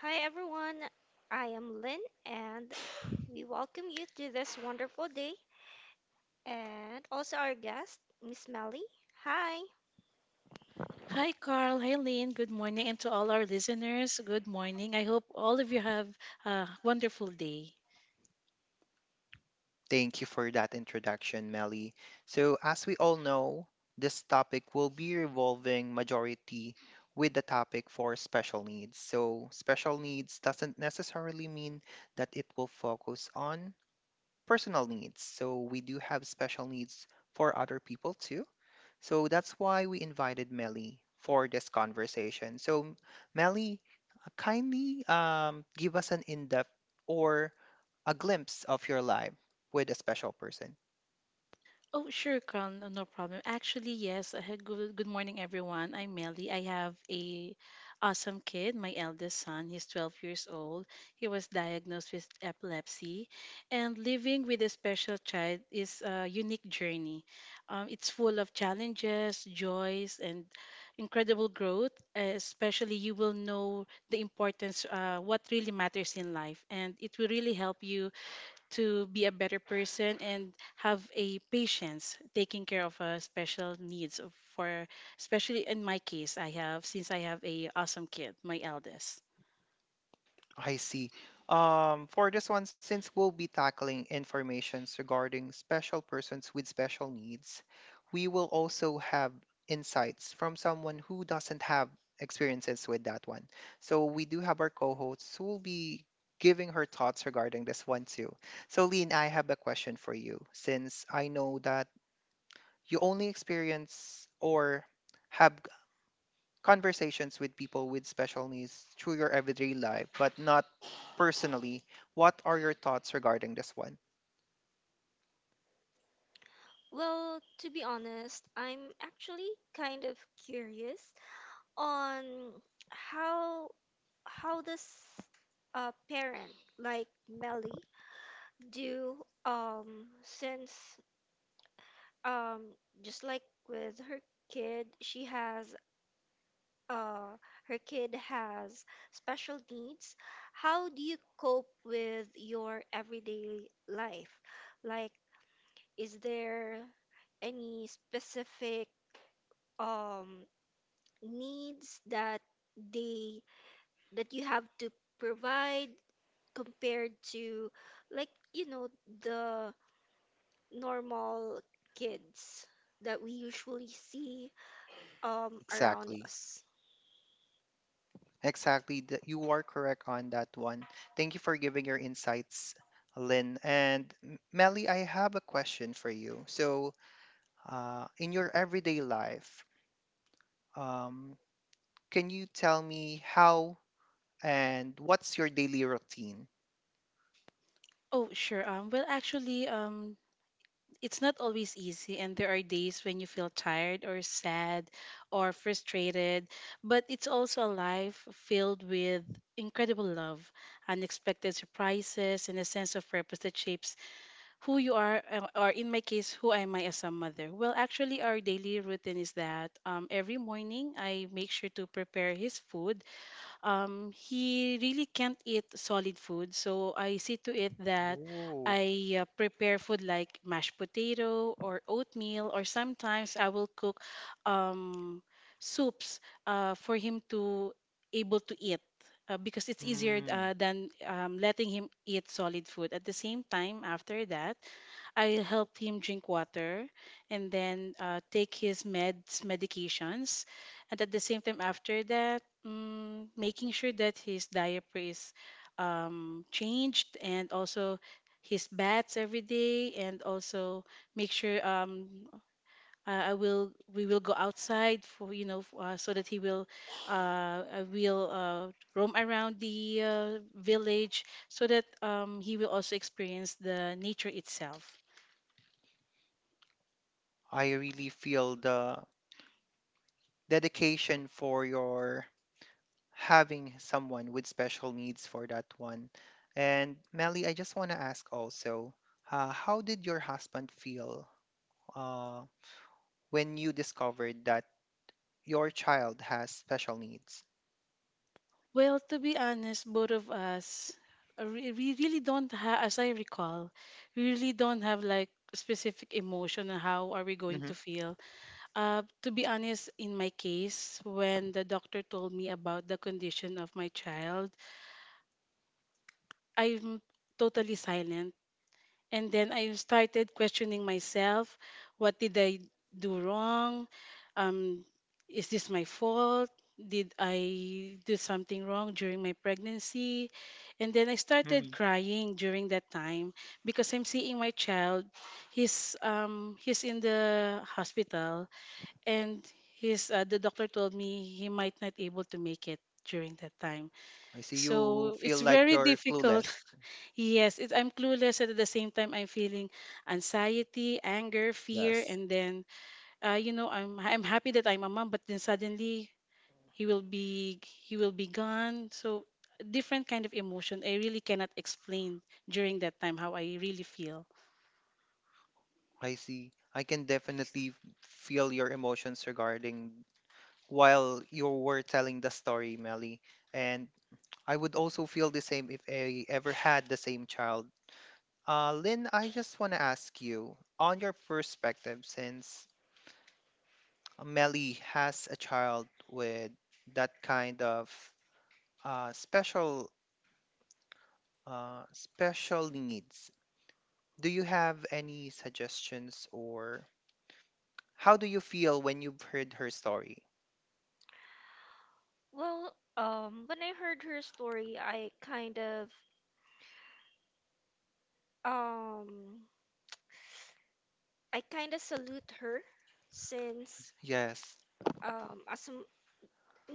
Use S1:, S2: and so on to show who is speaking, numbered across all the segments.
S1: Hi everyone, I am Lynn and we welcome you to this wonderful day and also our guest, Miss Melly. Hi. Well, to be honest, I'm actually kind of curious on how how does a parent like Melly do since um just like with her kid, she has uh, her kid has special needs, how do you cope with your everyday life? Like, is there any specific um, needs they that you have to provide compared to, like, you know, the normal kids that we usually see around us?
S2: Oh, sure. Well, actually, it's not always easy, and there are days when you feel tired or sad or frustrated, but it's also a life filled with incredible love, unexpected surprises, and a sense of purpose that shapes who you are, or in my case, who am I as a mother. Well, actually, our daily routine is that every morning I make sure to prepare his food. He really can't eat solid food. So I see to it that I prepare food like mashed potato or oatmeal, or sometimes I will cook um, soups for him to able to eat. Because it's easier than letting him eat solid food. At the same time, after that, I helped him drink water and then take his meds, medications. And at the same time, after that, making sure that his diaper is changed and also his baths every day and also make sure I will we will go outside for so that he will I will roam around the village so that he will also experience the nature itself. Well, to be honest, both of us, we really don't have, as I recall, we really don't have like specific emotion on how are we going to feel. To be honest, in my case, when the doctor told me about the condition of my child, I'm totally silent. And then I started questioning myself what did I do wrong? Um, is this my fault? Did I do something wrong during my pregnancy? And then I started crying during that time because I'm seeing my child. He's he's in the hospital and his the doctor told me he might not able to make it during that time. So it's very difficult. Yes, it's, I'm clueless and at the same time I'm feeling anxiety, anger, fear, and then I'm happy that I'm a mom, but then suddenly he will be gone. So different kind of emotion. I really cannot explain during that time how I really feel.
S1: Well, when I heard her story, um, I kind of salute her since, as a m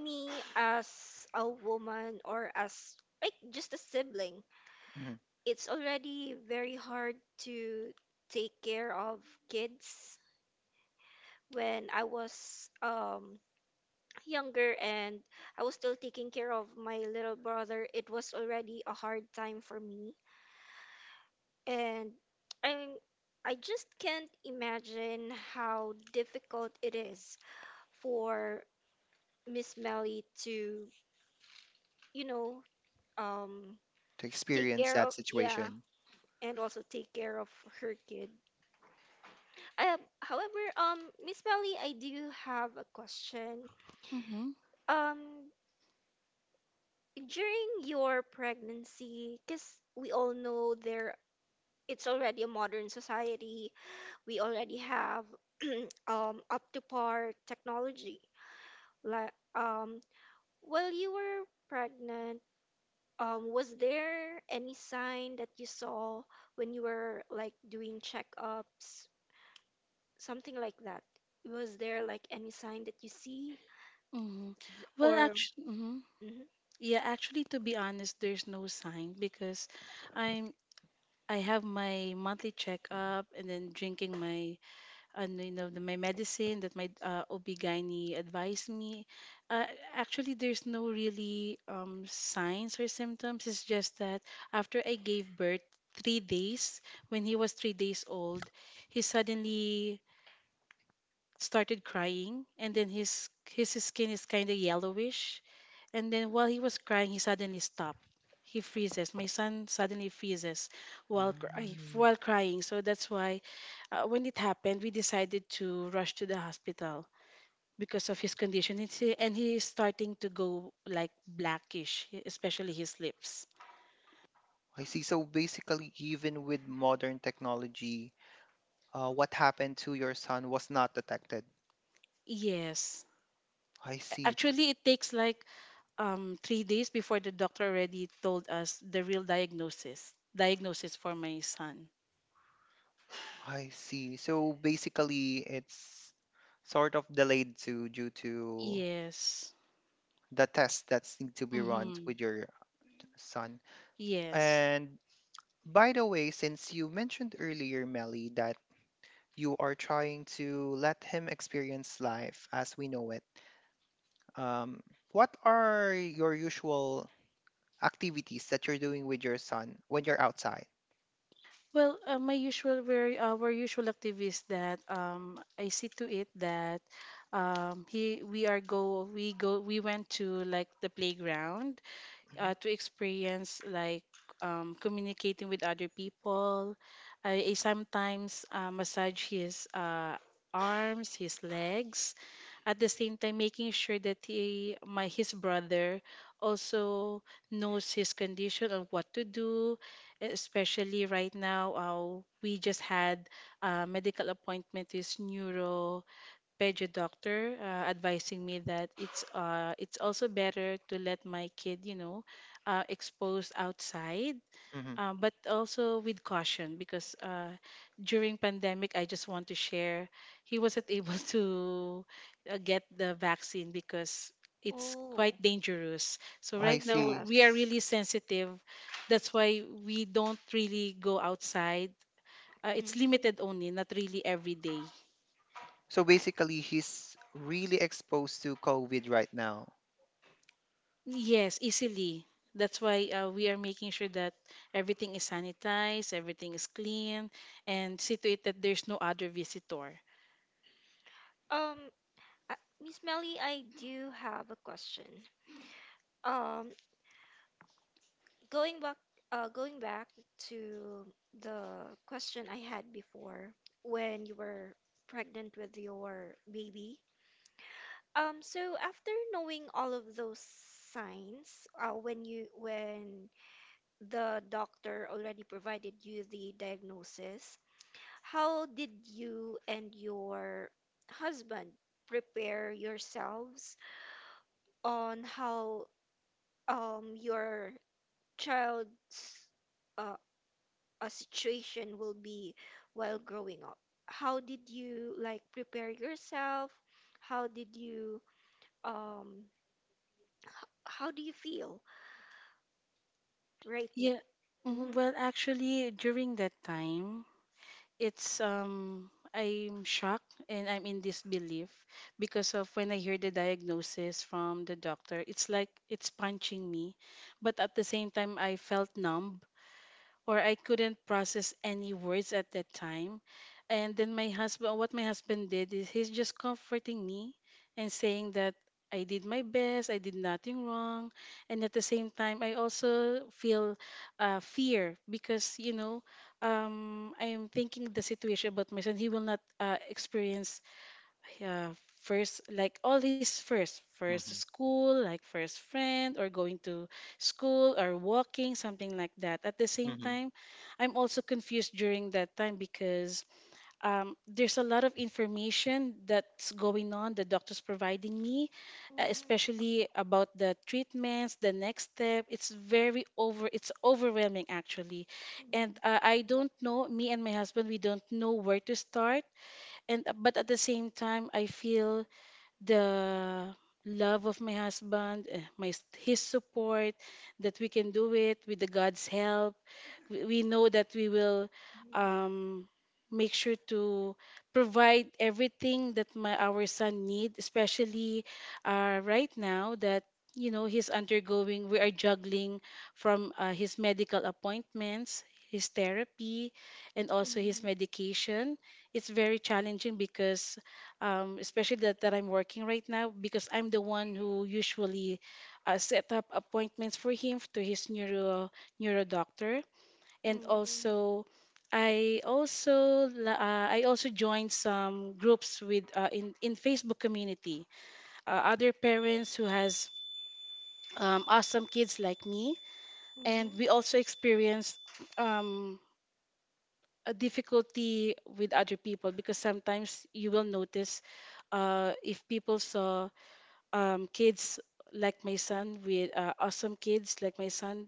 S1: me as a woman or as like just a sibling, it's already very hard to take care of kids. When I was younger and I was still taking care of my little brother, it was already a hard time for me. And I I just can't imagine how difficult it is for Miss Melly to, you know, um take care of, yeah, and also take care of her kid. However, Miss Melly, I do have a question.
S2: Mm-hmm.
S1: Um during your pregnancy, cuz we all know there it's already a modern society. We already have up to par technology. Like, while you were pregnant, was there any sign that you saw when you were like doing checkups, something like that? Was there like any sign that you see
S2: Mm-hmm. Well,
S1: or?
S2: actually, mm-hmm,
S1: Mhm.
S2: yeah, actually, to be honest, there's no sign because I'm I have my monthly checkup and then drinking my, and the, my medicine that my OB-GYN advised me. Uh, Actually, there's no really signs or symptoms. It's just that after I gave birth, 3 days, when he was 3 days old, he suddenly started crying, and then his skin is kind of yellowish, and then while he was crying, he suddenly stopped. He freezes. My son suddenly freezes while crying. So that's why, when it happened, we decided to rush to the hospital because of his condition. It's, and he is starting to go like blackish, especially his lips. Yes, actually, it takes like 3 days before the doctor already told us the real diagnosis. Diagnosis for my son. Yes. Mm-hmm. Yes. Well, my usual very our usual activities that I see to it that he we are go we went to like the playground to experience like communicating with other people. I sometimes massage his arms, his legs, at the same time making sure that my his brother also knows his condition and what to do. Especially right now, we just had a medical appointment with neuro pedio doctor advising me that it's also better to let my kid, exposed outside, but also with caution because, during pandemic, I just want to share, he wasn't able to get the vaccine because it's
S1: Oh,
S2: quite dangerous. So right now
S1: yes.
S2: we are really sensitive, that's why we don't really go outside. It's
S1: Mhm.
S2: limited only, not really every day.
S1: I.
S2: Yes, easily. That's why we are making sure that everything is sanitized, everything is clean, and see to it that there's no other visitor.
S1: Um, uh, Miss Melly, I do have a question. Um, going back, going back to the question I had before when you were pregnant with your baby. So after knowing all of those signs, when you when the doctor already provided you the diagnosis, how did you and your husband prepare yourselves on how your child's uh, a situation will be while growing up? How did you like prepare yourself? How did you um how do you feel right
S2: Yeah.
S1: now? Mm-hmm.
S2: Mhm, Well, actually, during that time, it's I'm shocked and I'm in disbelief because of when I hear the diagnosis from the doctor. It's like it's punching me, but at the same time, I felt numb or I couldn't process any words at that time. And then my husband, what my husband did is he's just comforting me and saying that I did my best, I did nothing wrong. And at the same time, I also feel fear because, I am thinking the situation about my son. He will not experience, yeah, first, like, all these first school, like first friend, or going to school or walking, something like that. At the same time, I'm also confused during that time because there's a lot of information that's going on, the doctor's providing me,
S1: Mm-hmm.
S2: especially about the treatments, the next step. It's overwhelming, actually, and
S1: Mm-hmm.
S2: I don't know, me and my husband, we don't know where to start. And but at the same time, I feel the love of my husband, his support, that we can do it with the God's help. We know that we will um, make sure to provide everything that my our son need, especially right now that, he's undergoing, we are juggling from his medical appointments, his therapy, and also his medication. It's very challenging because especially that I'm working right now, because I'm the one who usually set up appointments for him to his neuro doctor. And also I also joined some groups with in Facebook community, other parents who has awesome kids like me. And
S1: Mhm.
S2: we also experienced um, a difficulty with other people because sometimes you will notice, if people saw kids like my son, with awesome kids like my son,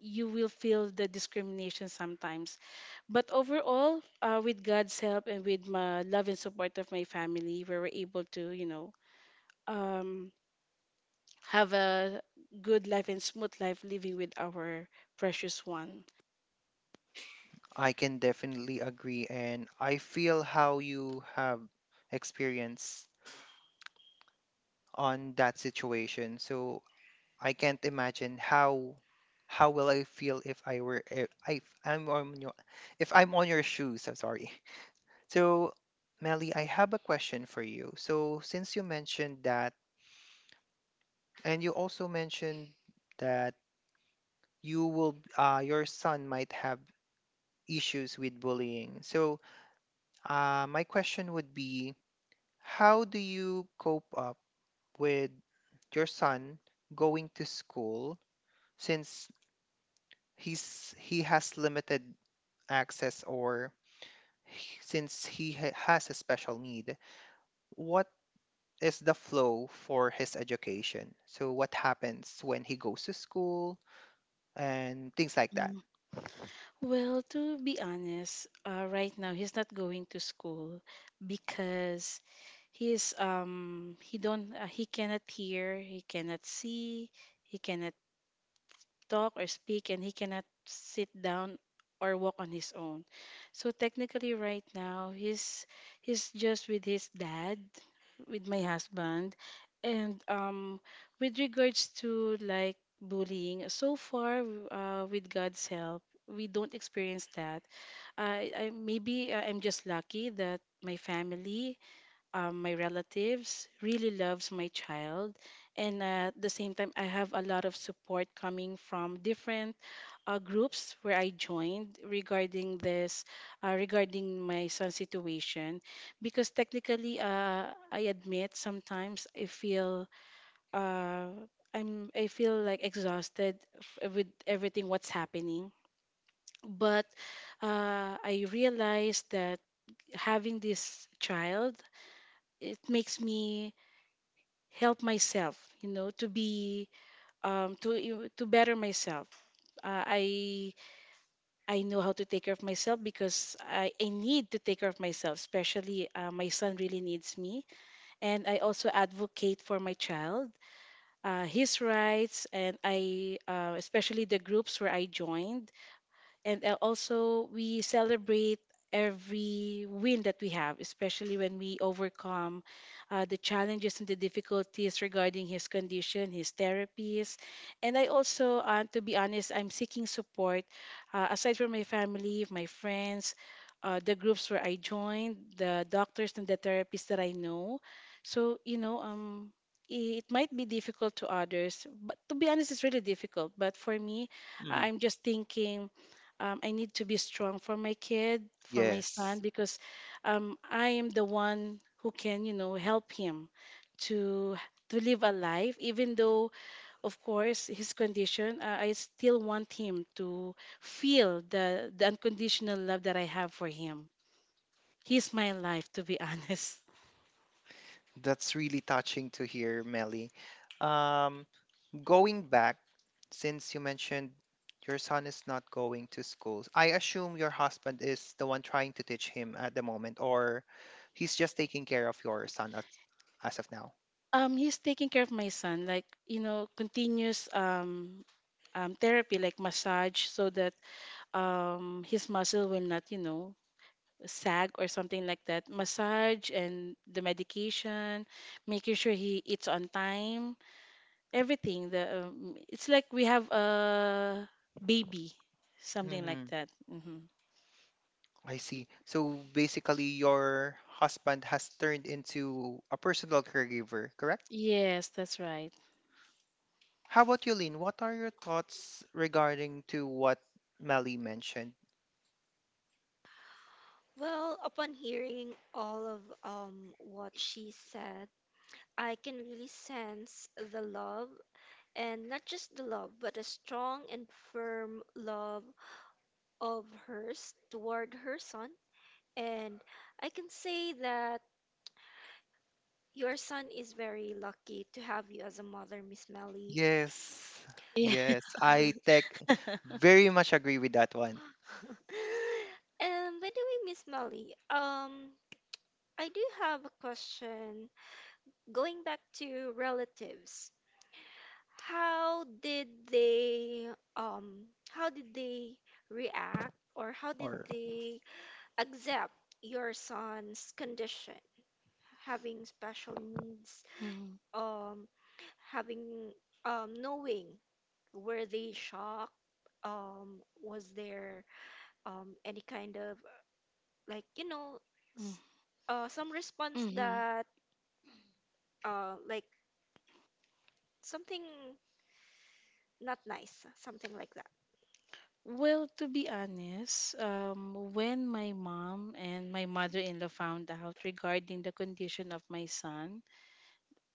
S2: you will feel the discrimination sometimes. But overall, with God's help and with my love and support of my family, we were able to, um, have a good life and smooth life living with our precious one. Mm. Well, to be honest, right now he's not going to school because he cannot hear, he cannot see, he cannot talk or speak, and he cannot sit down or walk on his own. So technically right now he's just with his dad, with my husband. And with regards to like bullying, so far, with God's help, we don't experience that. I maybe, I'm just lucky that my family, my relatives, really loves my child. And at the same time, I have a lot of support coming from different groups where I joined regarding this, regarding my son's situation. Because technically, I admit sometimes I feel uh, I feel like exhausted with everything what's happening. But I realized that having this child, it makes me help myself, to be to better myself. uh, i I know how to take care of myself because I need to take care of myself, especially my son really needs me. And I also advocate for my child, his rights. And I especially the groups where I joined. And also we celebrate every win that we have, especially when we overcome the challenges and the difficulties regarding his condition, his therapies. And I also, to be honest, I'm seeking support, aside from my family, my friends, the groups where I joined, the doctors and the therapists that I know. So, it might be difficult to others, but to be honest, it's really difficult. But for me, I'm just thinking, I need to be strong for my kid, for my son, because I am the one who can, help him to to live a life. Even though, of course, his condition, I still want him to feel the unconditional love that I have for him. He's my life, to be honest. He's taking care of my son, like, continuous therapy like massage so that his muscle will not, sag or something like that. Massage and the medication, making sure he eats on time, everything. The It's like we have a baby, something like that. Yes, that's right.
S1: Well, upon hearing all of what she said, I can really sense the love. And not just the love, but a strong and firm love of hers toward her son. And I can say that your son is very lucky to have you as a mother, Miss Melly.
S2: Yeah.
S1: And by the way, Miss Melly, I do have a question. Going back to relatives, how did they um how did they react, or how did they accept your son's condition having special needs?
S2: hmm
S1: Um having knowing, where they shocked? Was there any kind of, like, you know, s- some response
S2: Mm-hmm.
S1: that uh like something not nice, something like that?
S2: Well, to be honest, when my mom and my mother-in-law found out regarding the condition of my son,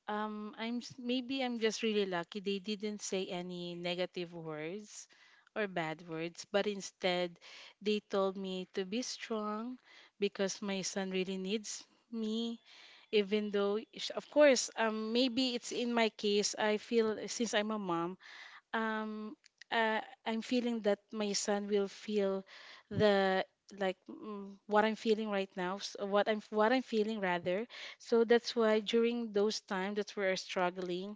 S2: Maybe I'm just really lucky they didn't say any negative words or bad words, but instead they told me to be strong because my son really needs me, even though of course maybe it's in my case I feel since I'm a mom, um I'm feeling that my son will feel the like what I'm feeling right now, s what I'm feeling rather. So that's why during those times that we're struggling,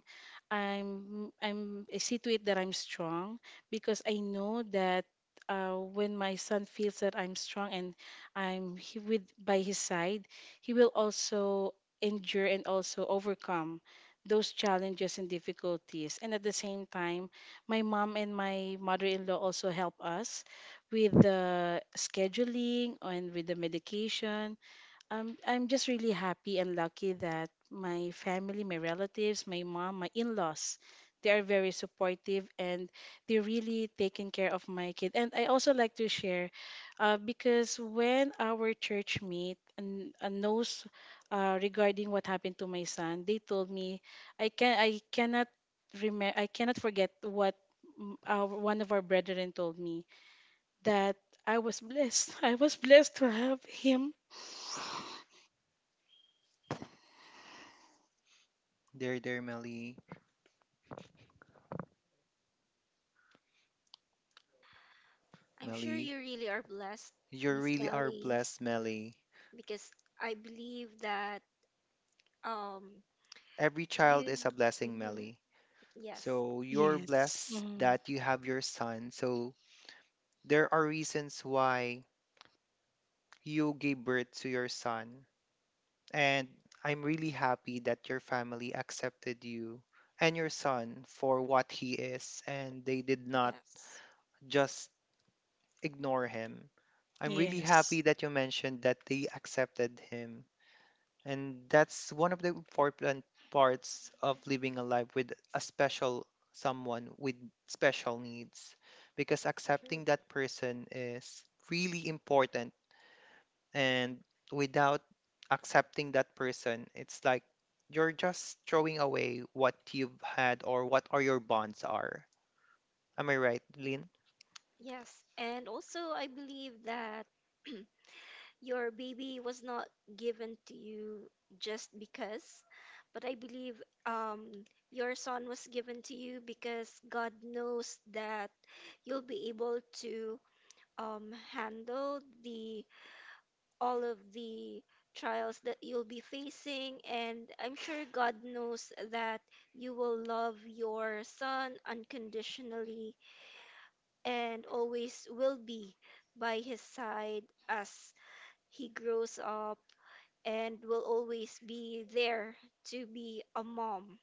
S2: I see to it that I'm strong because I know that when my son feels that I'm strong and I'm he with by his side, he will also endure and also overcome those challenges and difficulties. And at the same time my mom and my mother-in-law also help us with the scheduling and with the medication. I'm just really happy and lucky that my family, my relatives, my mom, my in-laws, they are very supportive and they're really taking care of my kid. And I also like to share, because when our church meet and knows regarding what happened to my son, they told me I can I cannot remember I cannot forget what, our one of our brethren told me, that I was blessed. I was blessed to have him.
S1: I'm sure you really are blessed, Miss Melly, because I believe that um you mhm, yes,
S2: Yes.
S1: yes.
S2: Yes.
S1: True. Yes. And also, I believe that your baby was not given to you just because, but I believe um, your son was given to you because God knows that you'll be able to handle the all of the trials that you'll be facing. And I'm sure God knows that you will love your son unconditionally and always will be by his side as he grows up, and will always be there to be a mom,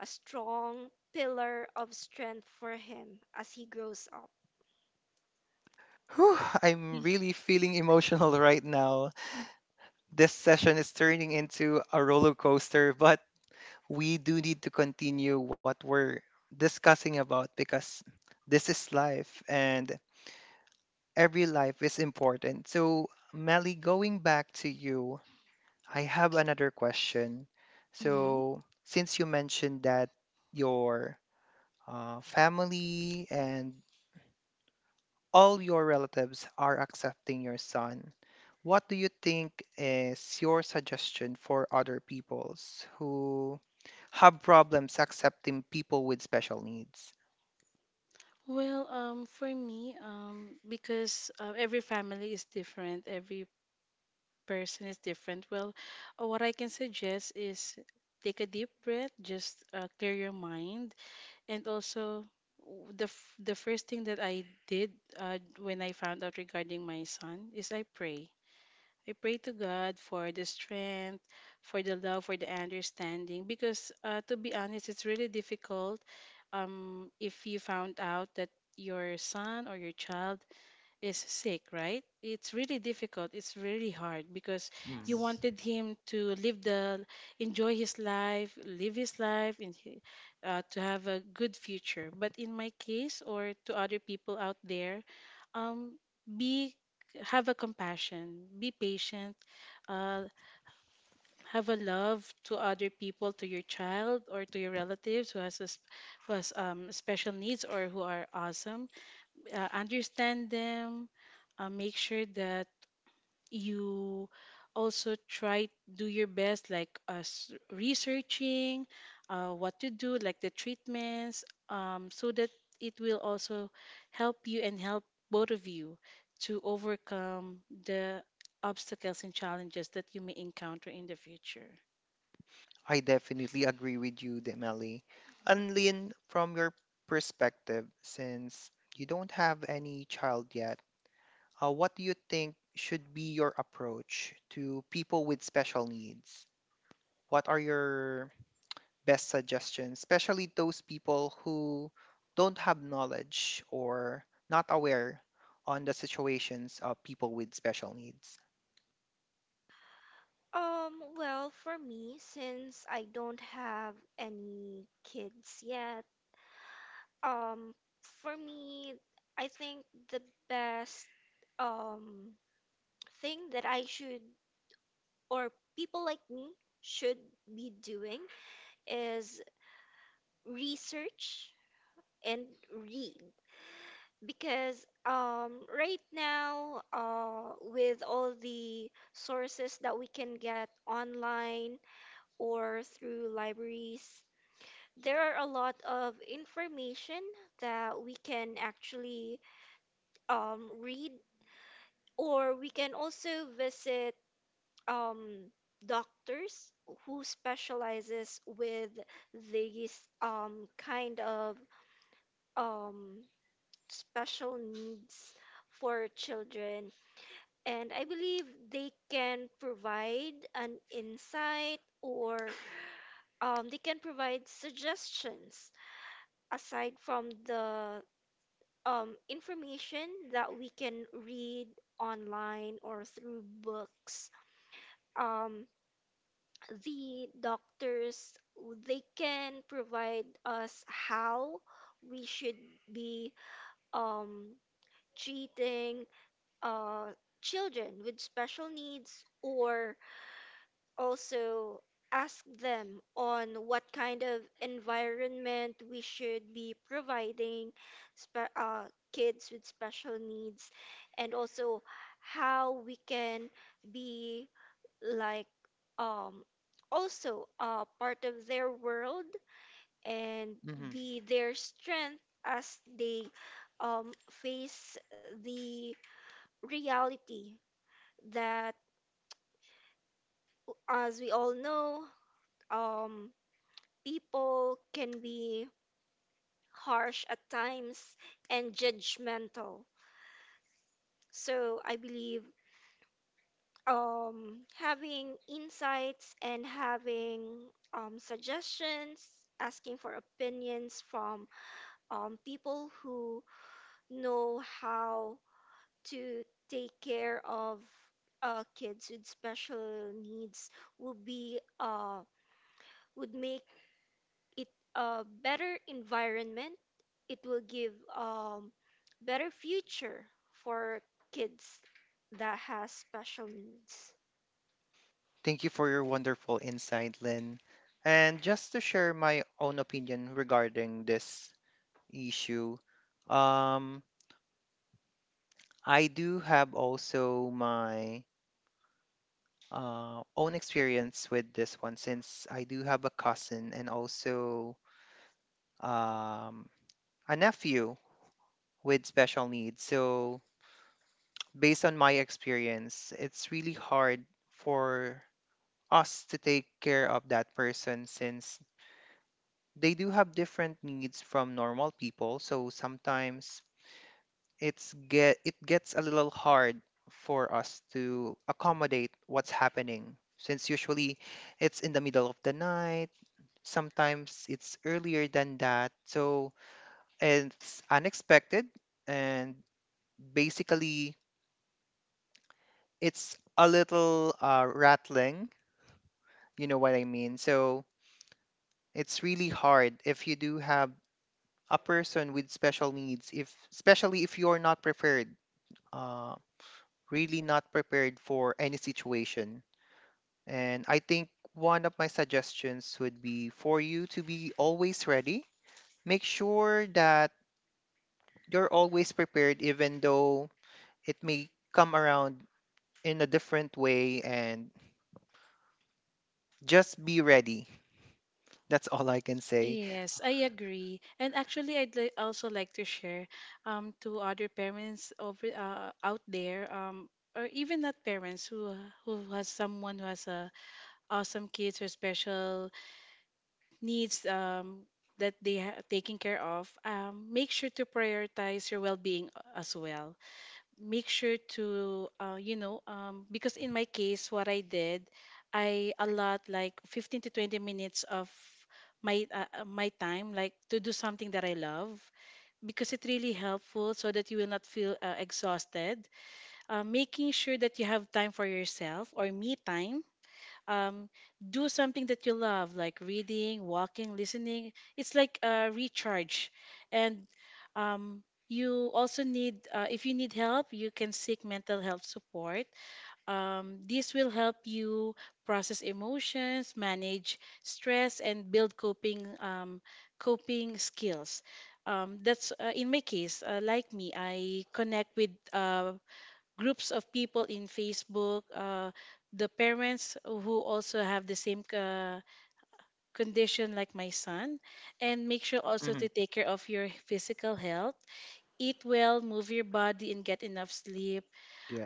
S1: a strong pillar of strength for him as he grows up.
S2: Mm-hmm. Well, for me, because every family is different, every person is different. Well, what I can suggest is take a deep breath, just clear your mind, and also the first thing that I did when I found out regarding my son is I pray. I pray to God for the strength, for the love, for the understanding. Because to be honest, it's really difficult if you found out that your son or your child is sick, right? It's really difficult. It's really hard because you
S1: Yes.
S2: wanted him to live enjoy his life, live his life, and to have a good future. But in my case, or to other people out there, um, be have a compassion, be patient, uh, have a love to other people, to your child or to your relatives who has who has special needs or who are awesome. Understand them. Make sure that you also try, do your best, like researching what to do, like the treatments, so that it will also help you and help both of you to overcome the obstacles and challenges that you may encounter in the future.
S1: Well, for me, since I don't have any kids yet, um, for me, I think the best um thing that I should, or people like me should be doing, is research and read, because right now, with all the sources that we can get online or through libraries, there are a lot of information that we can actually read, or we can also visit um, doctors who specializes with these kind of um, special needs for children. And I believe they can provide an insight, or they can provide suggestions aside from the information that we can read online or through books. Um, the doctors, they can provide us how we should be um, treating uh, children with special needs, or also ask them on what kind of environment we should be providing spe- uh, kids with special needs, and also how we can be like um also, part of their world and be their strength as they face the reality that, as we all know, um, people can be harsh at times and judgmental. So I believe having insights and having suggestions, asking for opinions from people who know how to take care of kids with special needs would be, would make it a better environment. It will give better future for kids that has special needs.
S2: Yes, I agree. And actually, also like to share to other parents over out there, or even not parents who has someone who has a awesome kids or special needs, that they are taking care of. Make sure to prioritize your well being as well. Make sure to, you know, because in my case what I did, I allot like 15 to 20 minutes of my my time, like to do something that I love because it really helpful so that you will not feel exhausted. Making sure that you have time for yourself, or me time, um, do something that you love, like reading, walking, listening. It's like a recharge. And, um, you also need, if you need help, you can seek mental health support. This will help you process emotions, manage stress, and build coping skills. That's in my case. Like me, I connect with groups of people in Facebook, the parents who also have the same condition like my son. And make sure also to take care of your physical health. Eat well, move your body, and get enough sleep.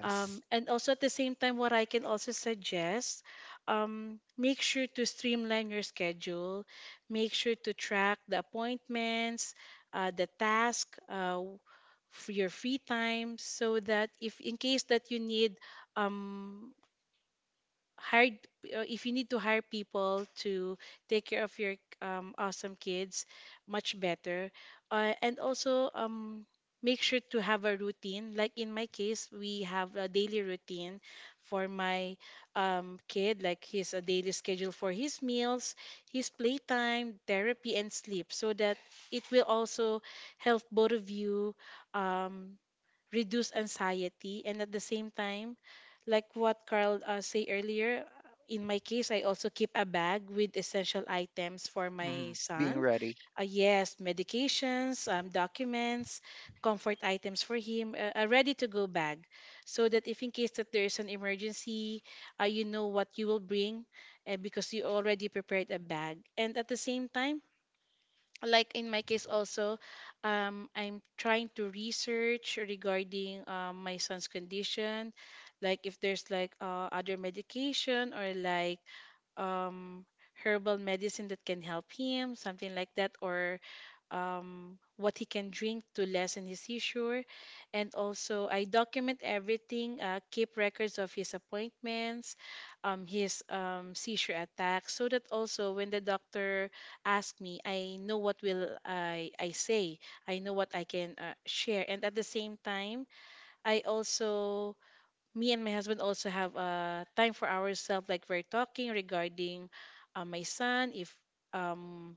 S2: And also at the same time, what I can also suggest, make sure to streamline your schedule, make sure to track the appointments, the task, for your free time, so that if in case that you need, um, hired if you need to hire people to take care of your, awesome kids, much better. And also, make sure to have a routine. Like in my case we have a daily routine for my, kid. Like his a daily schedule for his meals, his playtime, therapy, and sleep, so that it will also help both of you, um, reduce anxiety. And at the same time, like what Carl say earlier, in my case I also keep a bag with essential items for my son, yes, medications, documents, comfort items for him, a ready to go bag, so that if in case that there is an emergency, you know what you will bring, because you already prepared a bag. And at the same time, like in my case also, um, I'm trying to research regarding, my son's condition, like if there's like other medication or like, um, herbal medicine that can help him, something like that, or, what he can drink to lessen his seizure. And also, I document everything, keep records of his appointments, his, seizure attacks, so that also when the doctor asks me, I know what will I say, I know what I can share. And at the same time, I also, me and my husband also have time for ourselves, like we're talking regarding my son, if, um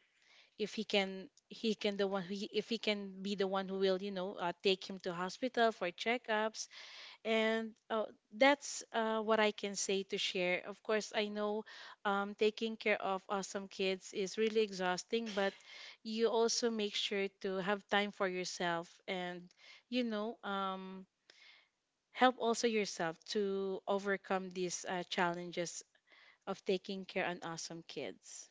S2: if he can he can the one who he, if he can be the one who will you know take him to hospital for checkups and, that's what I can say to share. Of course I know, taking care of awesome kids is really exhausting, but you also make sure to have time for yourself and you know, help also yourself to overcome these challenges of taking care on awesome kids.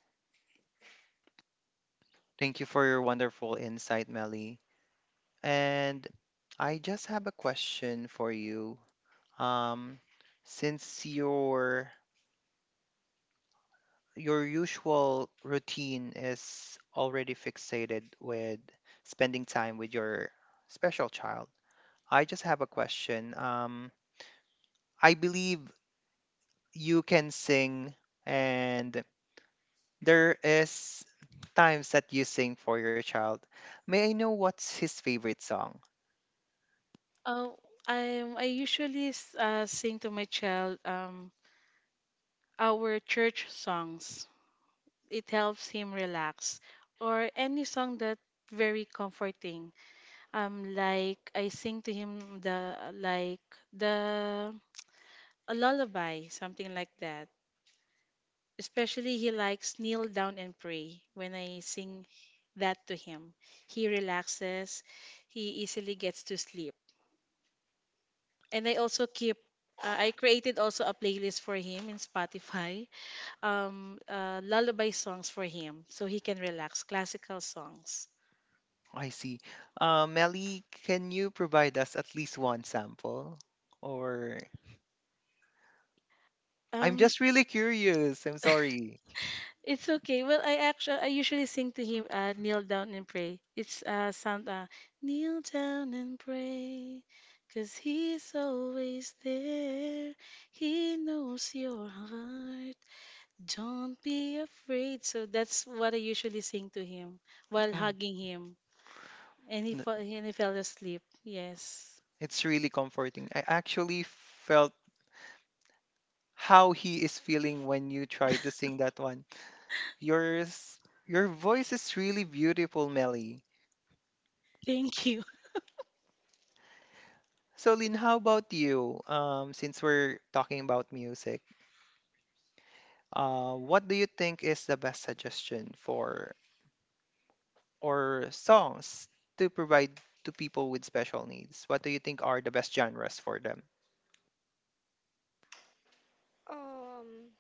S2: Oh, I usually sing to my child, um, our church songs. It helps him relax, or any song that very comforting. Um, like I sing to him the like the a lullaby, something like that. Especially he likes Kneel Down and Pray when I sing that to him. He relaxes, he easily gets to sleep. And I also keep, I created also a playlist for him in Spotify. Lullaby songs for him so he can relax. Classical songs. Um, it's okay. Well, I usually sing to him. Kneel Down and Pray. It's sound Kneel Down and Pray, 'cause he's always there. He knows your heart. Don't be afraid. So that's what I usually sing to him while hugging him. And he fell asleep. Yes. Thank you.
S1: um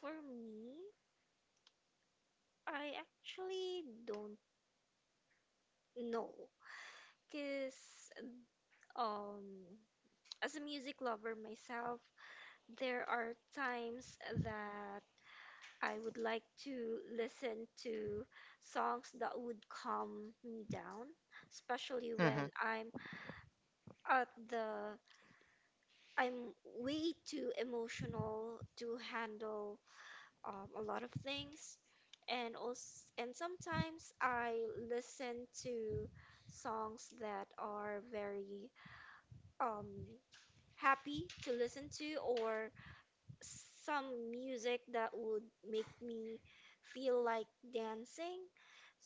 S1: for me, I actually don't know, because um as a music lover myself, there are times that I would like to listen to songs that would calm me down, especially when I'm at the I'm way too emotional to handle a lot of things. And also, and sometimes I listen to songs that are very um happy to listen to, or some music that would make me feel like dancing,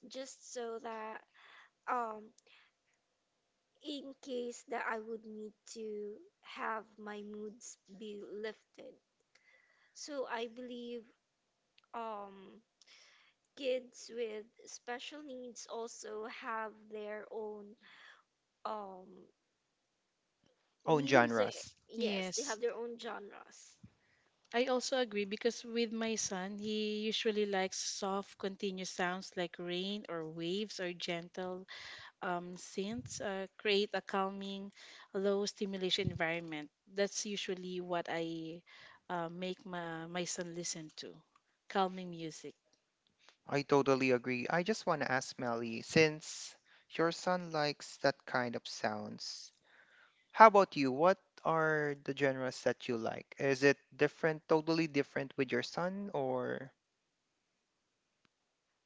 S1: just so that um in case that I would need to have my moods be lifted. So I believe um kids with special needs also have their own um music. Yes, they
S2: Yes,
S1: have their own genres.
S2: I also agree, because with my son, he usually likes soft, continuous sounds like rain or waves or gentle, synths, create a calming, low stimulation environment. That's usually what I, my son listen to, calming music.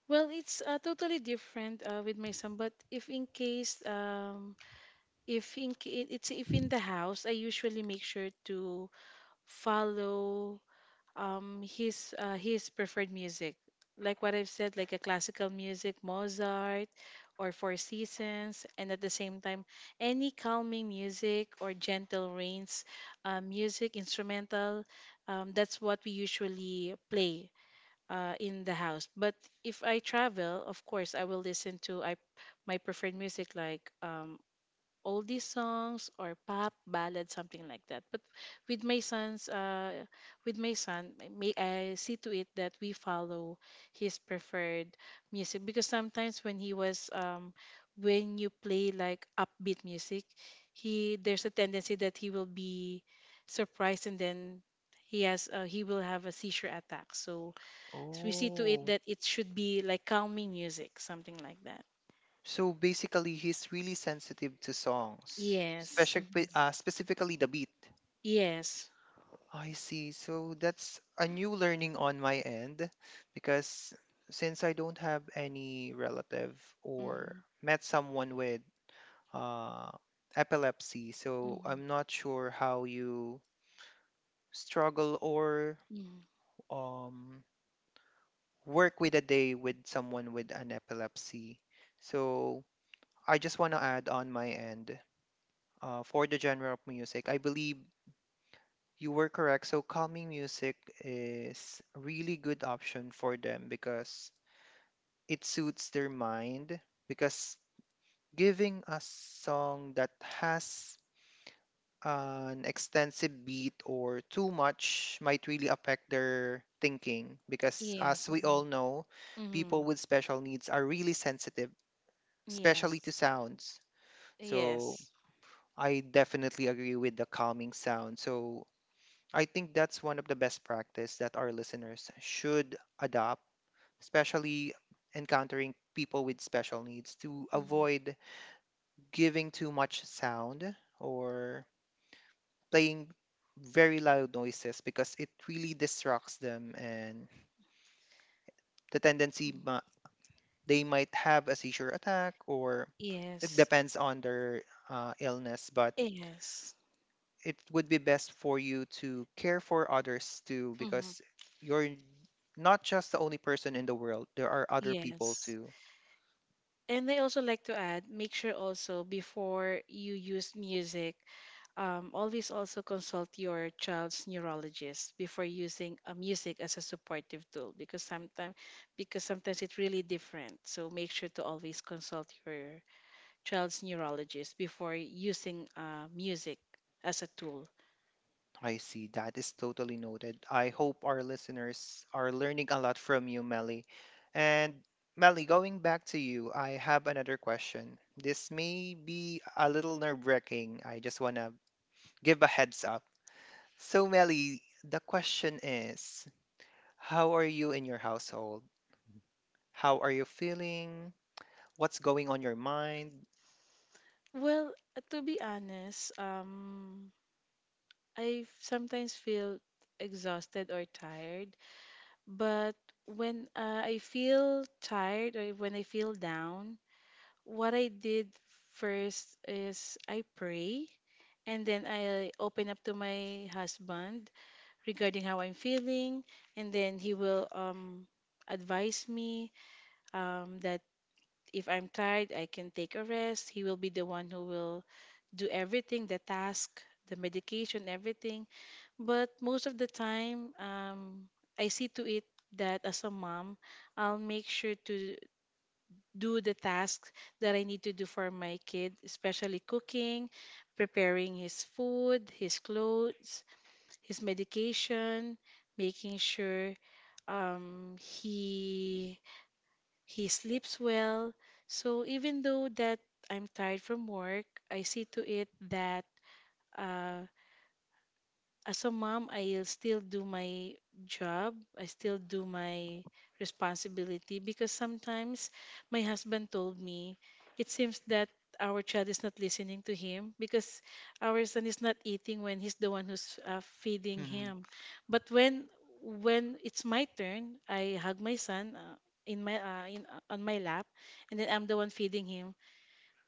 S2: Well, it's, totally different, with my son, but if in case, if in it's if in the house I usually make sure to follow, um, his preferred music, like what I've said, like a classical music, Mozart, or Four Seasons, and at the same time any calming music or gentle rains, music instrumental, that's what we usually play, in the house. But if I travel, of course I will listen to, I my preferred music, like, oldies songs or pop ballad, something like that. But with my son's with my son, I see to it that we follow his preferred music, because sometimes when he was when you play like upbeat music, he there's a tendency that he will be surprised, and then he will have a seizure attack, so we see to it that it should be like calming music, something like that. Yes. Hmm.
S1: Yes.
S2: Yes. Hmm. Mhm. Mhm. Yes. Mhm. Yes. Yes. Mhm. Mhm. Yes. Yes. Mhm. Yes. And I also like to add, make sure also before you use music, always also consult your child's neurologist before using a music as a supportive tool, because sometimes, because sometimes it's really different. So make sure to always consult your child's neurologist before using, music as a tool. Well, to be honest, I sometimes feel exhausted or tired, but when, I feel tired or when I feel down, what I did first is I pray, and then I open up to my husband regarding how I'm feeling, and then he will, advise me, that if I'm tired, I can take a rest. He will be the one who will do everything, the task, the medication, everything. But most of the time, I see to it that as a mom, I'll make sure to do the tasks that I need to do for my kid, especially cooking, preparing his food, his clothes, his medication, making sure um, he he sleeps well, so even though that I'm tired from work, I see to it that uh, as a mom, I'll still do my job. I still do my responsibility because sometimes my husband told me it seems that our child is not listening to him because our son is not eating when he's the one who's feeding him. But when it's my turn, I hug my son in my in on my lap, and then I'm the one feeding him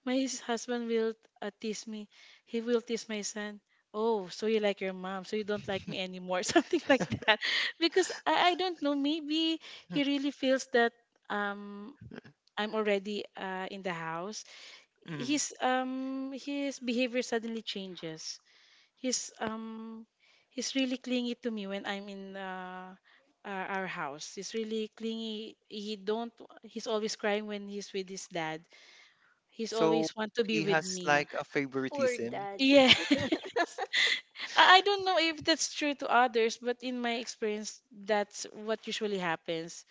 S2: my husband will tease me. He will tease my son. Oh, so you like your mom, so you don't like me anymore, something like that. Because I don't know, maybe he really feels that um I'm already in the house. His behavior suddenly changes. He's he's really clingy to me when I'm in our house. He's really clingy. He don't. He's always crying when he's with his dad. He's always want to be with me.
S1: Poor dad.
S2: Yeah. I don't know if that's true to others, but in my experience, that's what usually happens.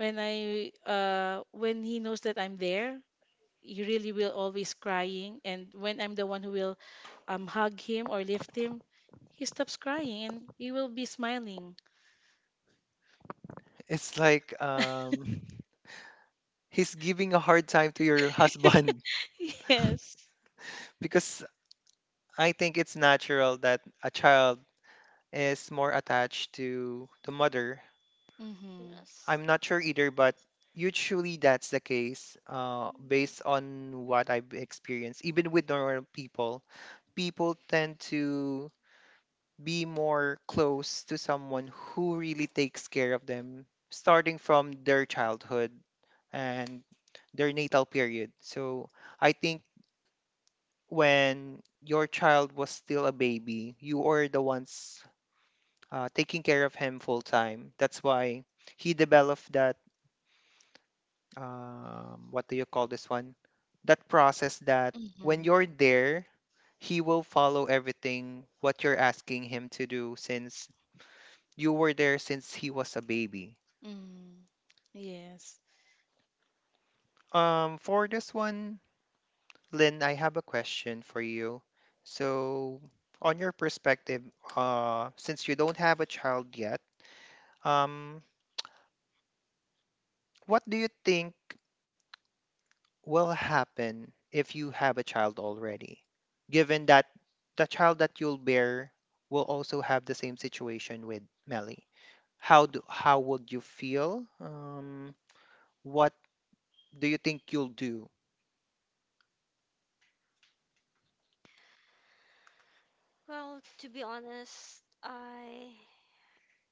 S2: When I when he knows that I'm there, he really will always crying and when I'm the one who will hug him or lift him, he stops crying and he will be smiling. Yes. Mhm.
S1: Yes.
S2: Mhm. Mm. Yes.
S1: Well, to be honest, I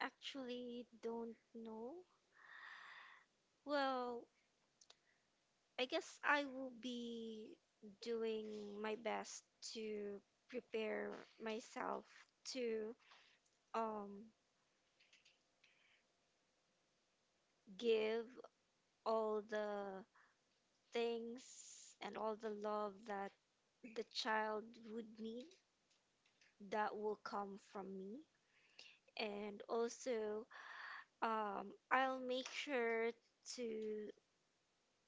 S1: actually don't know. Well, I guess I will be doing my best to prepare myself to um give all the things and all the love that the child would need that will come from me, and also I'll make sure to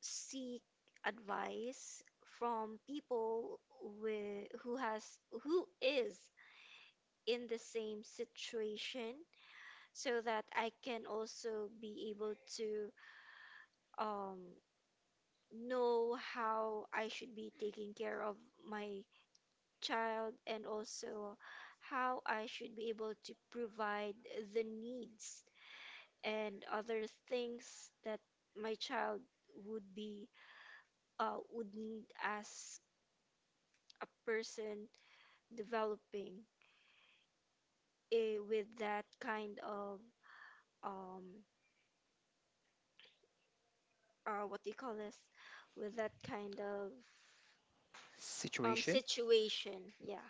S1: seek advice from people with, who has, who is in the same situation, so that I can also be able to um, know how I should be taking care of my child, and also how I should be able to provide the needs and other things that my child would be, would need as a person developing, eh, with that kind of um what do you call this, with that kind of situation, yeah,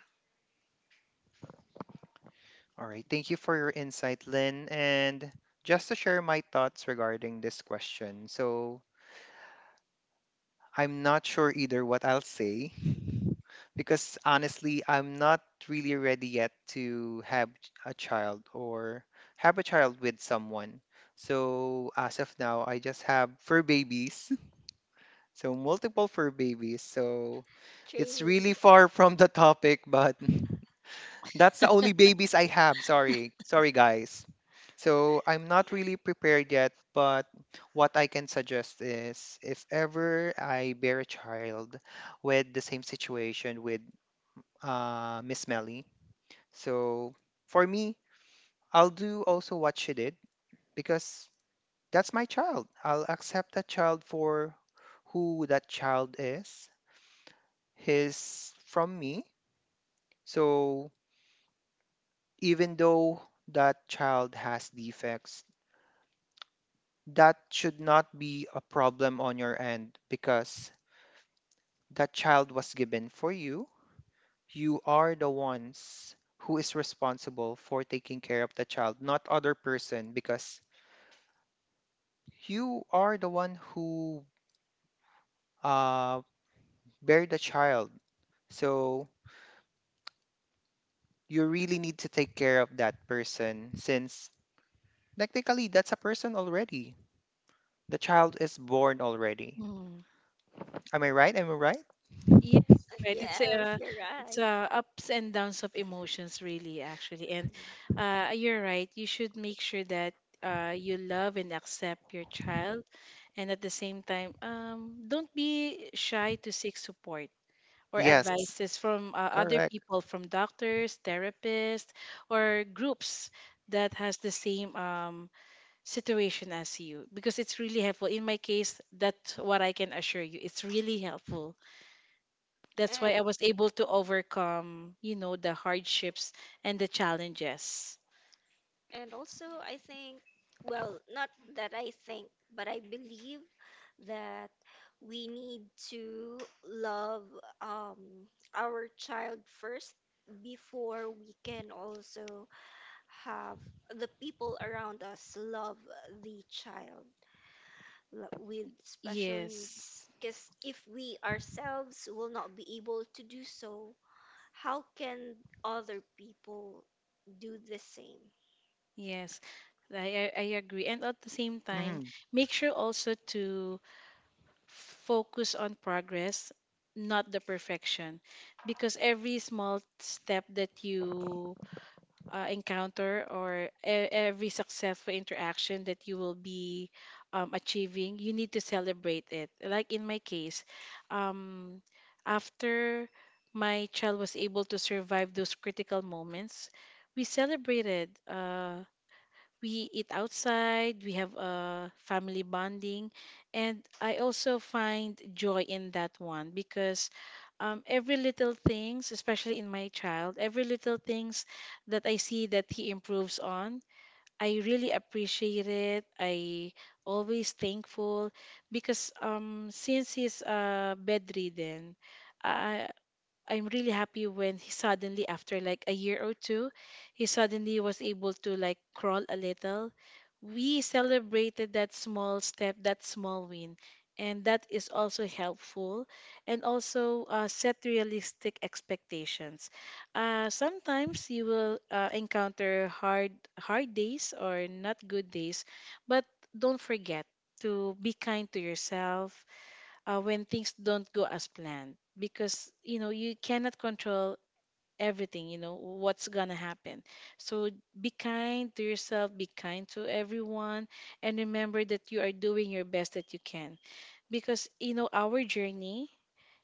S1: training.
S2: Mm. Yes. Right. It's
S1: Yes,
S2: a
S1: you're right.
S2: ups and downs of emotions really actually and
S1: Mhm.
S2: you're right, you should make sure that you love and accept your child, and at the same time don't be shy to seek support or advices from other people, from doctors, therapists, or groups that has the same situation as you, because it's really helpful. In my case, that's what I can assure you, it's really helpful. That's why
S1: And
S2: I was able to overcome, you know, the hardships and the challenges.
S1: and also I think, well, not that I think, but I believe that we need to love um our child first before we can also have the people around us love the child with special
S2: Yes,
S1: needs, because if we ourselves will not be able to do so, how can other people do the same?
S2: yes, I agree. And at the same time, make sure also to focus on progress, not the perfection, because every small step that you encounter, or every successful interaction that you will be achieving, you need to celebrate it. Like in my case, um, after my child was able to survive those critical moments, we celebrated. We eat outside, we have a family bonding, and I also find joy in that one because every little things, especially in my child, every little things that I see that he improves on, I really appreciate it. I always thankful because since he's bedridden, I I'm really happy when he suddenly, after like a year or two, he suddenly was able to like crawl a little. We celebrated that small step, that small win. And that is also helpful, and also set realistic expectations. Sometimes you will encounter hard, hard days or not good days, but don't forget to be kind to yourself when things don't go as planned, because you know you cannot control everything, you know what's gonna happen. So be kind to yourself, be kind to everyone, and remember that you are doing your best that you can, because you know our journey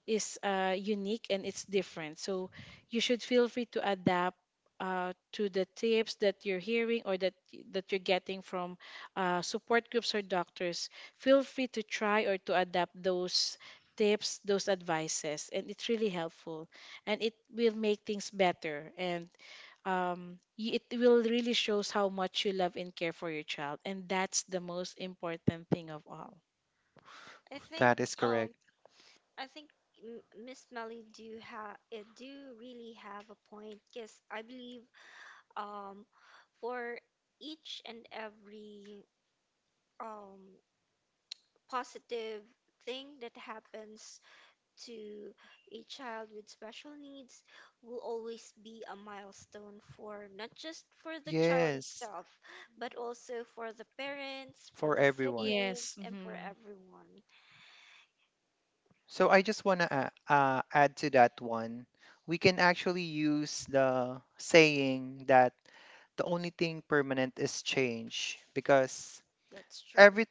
S2: is unique and it's different. So you should feel free to adapt to the tips that you're hearing or that that you're getting from support groups or doctors. Feel free to try or to adapt those tips, those advices, and it's really helpful. And it will make things better. And it will really shows how much you love and care for your child, and that's the most important thing of all.
S1: I think um I think M- Miss Melly do have, do really have a point, because I believe um for each and every um positive thing that happens to a child with special needs will always be a milestone for not just for the child itself, but also for the parents, for the
S2: Yes.
S1: siblings, and for
S2: Mm-hmm.
S1: everyone. That's true.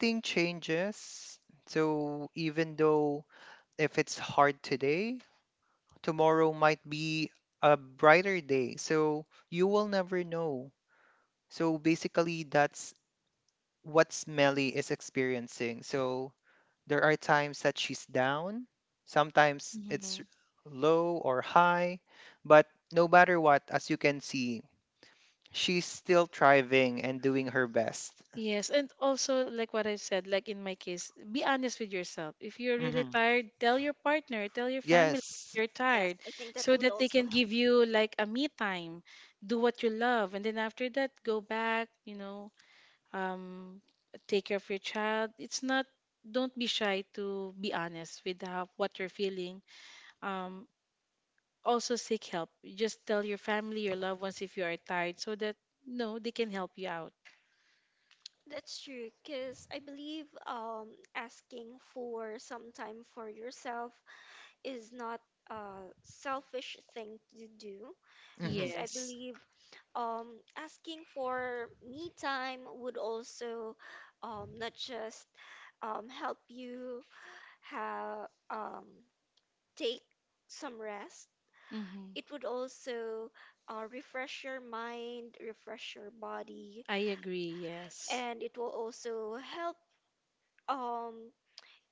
S2: Yes, and also like what I said, like in my case, be honest with yourself. If you're really tired, tell your partner, tell your family you're
S1: Yes,
S2: tired
S1: I think that
S2: so
S1: would
S2: that they
S1: also
S2: can
S1: help.
S2: give you like a me time. Do what you love and then after that go back, you know, um take care of your child. It's not, don't be shy to be honest with how, what you're feeling. Um, also seek help. You just tell your family, your loved ones if you are tired so that, no, they can help you out.
S1: That's true, because I believe asking for some time for yourself is not a selfish thing to do, because I
S2: Yes.
S1: believe um, asking for me time would also not just help you have take some rest.
S2: Mhm.
S1: It would also, refresh your mind, refresh your body,
S2: I agree. Yes.
S1: and it will also help um,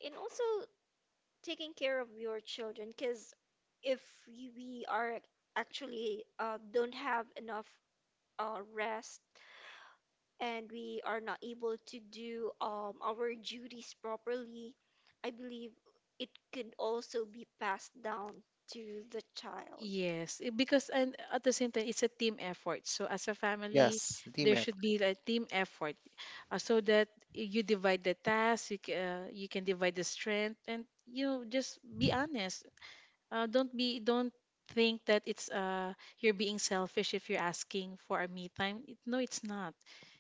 S1: in also taking care of your children. Because if we are actually, don't have enough, rest, and we are not able to do our duties properly, I believe it could also be passed down to the child.
S2: Because, and at the same time, it's a team effort. So as a family, there should be a team effort, so that you divide the task, you you can divide the strength, and you know just be honest. Don't think that it's you're being selfish if you're asking for a me time. It, no, it's not.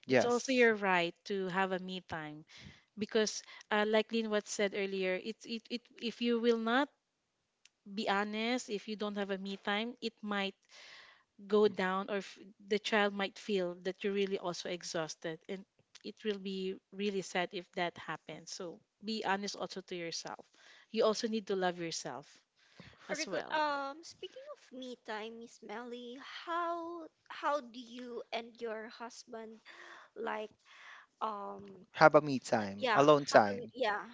S2: It's also your right to have a me time because, like Lin what said earlier, it's it, it if you will not be honest, if you don't have a me time, it might go down or the child might feel that you're really also exhausted. And it will be really sad if that happens. So be honest also to yourself. You also need to love yourself as well.
S1: Speaking of me time, Miss Melly, how do you and your husband like um yeah have a yeah,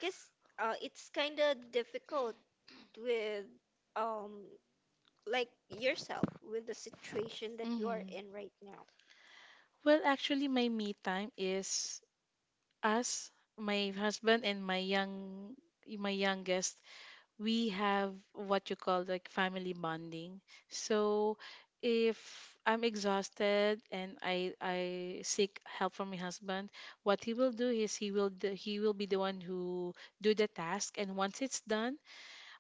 S1: cause it's kind of difficult with um like yourself with the situation that you are
S2: hmm
S1: in right now.
S2: Well, actually, my me time is us, my husband, and my young my youngest, we have what you call like family bonding. So if I'm exhausted and I seek help from my husband, what he will do is he will be the one who do the task, and once it's done,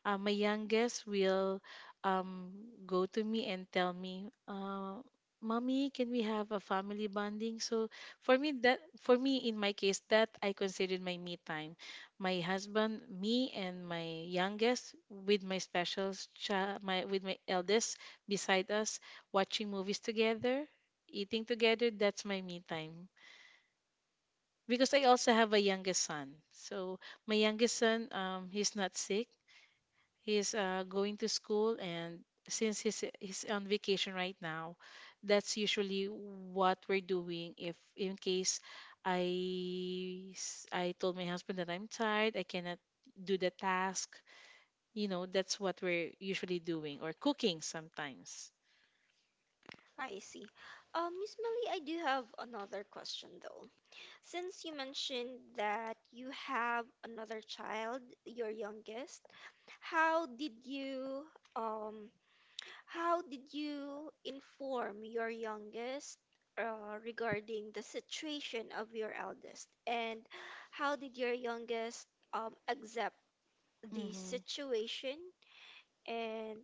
S2: my youngest will um, go to me and tell me, "Mommy, can we have a family bonding?" So for me, that for me in my case, that I considered my me time. My husband, me, and my youngest with my special child, my with my eldest beside us, watching movies together, eating together. That's my me time because I also have a youngest son. So my youngest son, he's not sick. He's going to school, and since he's on vacation right now, that's usually what we're doing. If in case I told my husband that I'm tired, I cannot do the task. You know, that's what we're usually doing, or cooking sometimes.
S1: I see. Miss Melly, I do have another question though. Since you mentioned that you have another child, your youngest, how did you um how did you inform your youngest, regarding the situation of your eldest, and how did your youngest accept the
S2: Mm-hmm.
S1: situation? And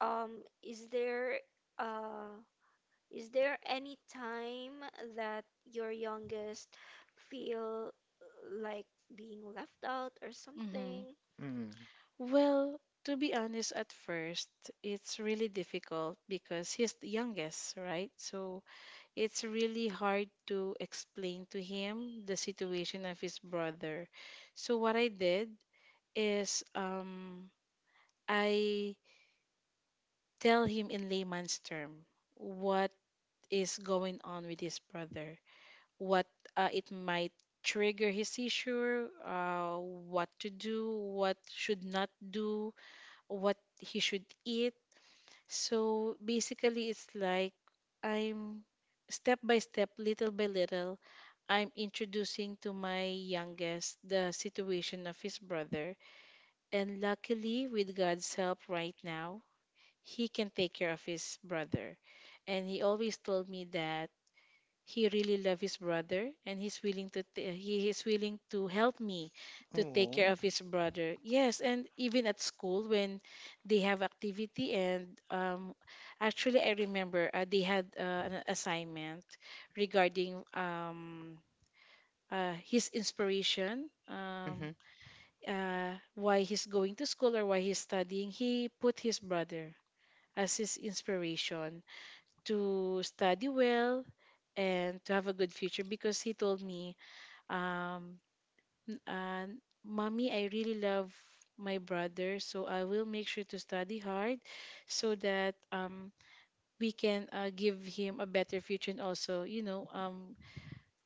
S1: is there, uh is there any time that your youngest feel like being left out or
S2: Mm-hmm.
S1: something?
S2: Well, to be honest, at first, it's really difficult because he's the youngest, right? So it's really hard to explain to him the situation of his brother. So what I did is I tell him in layman's term what is going on with his brother, what it might trigger his issue, what to do, what should not do, what he should eat. So basically, it's like I'm step by step, little by little, I'm introducing to my youngest the situation of his brother, and luckily, with God's help right now, he can take care of his brother. And he always told me that he really loves his brother and he's willing to he is willing to help me to take care of his brother. Yes, and even at school when they have activity, and actually I remember they had an assignment regarding his inspiration, why he's going to school or why he's studying, he put his brother as his inspiration to study well and to have a good future because he told me, um, n- uh, Mommy, I really love my brother, so I will make sure to study hard so that we can give him a better future, and also, you know,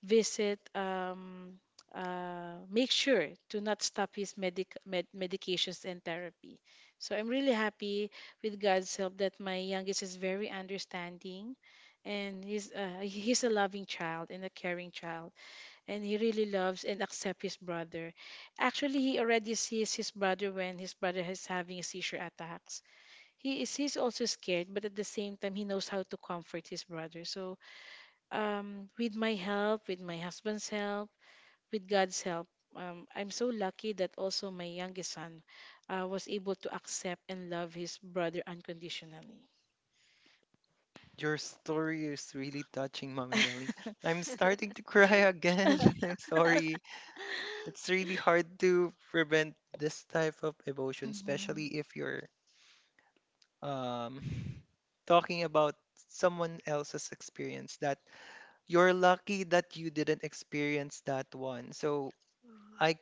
S2: visit, make sure to not stop his medications and therapy. So I'm really happy, with God's help, that my youngest is very understanding, and he's a loving child and a caring child, and he really loves and accepts his brother. Actually, he already sees his brother when his brother is having seizure attacks. He's also scared, but at the same time he knows how to comfort his brother. So with my help, with my husband's help, with God's help. I'm so lucky that also my youngest son was able to accept and love his brother unconditionally.
S1: In-
S2: Mhm,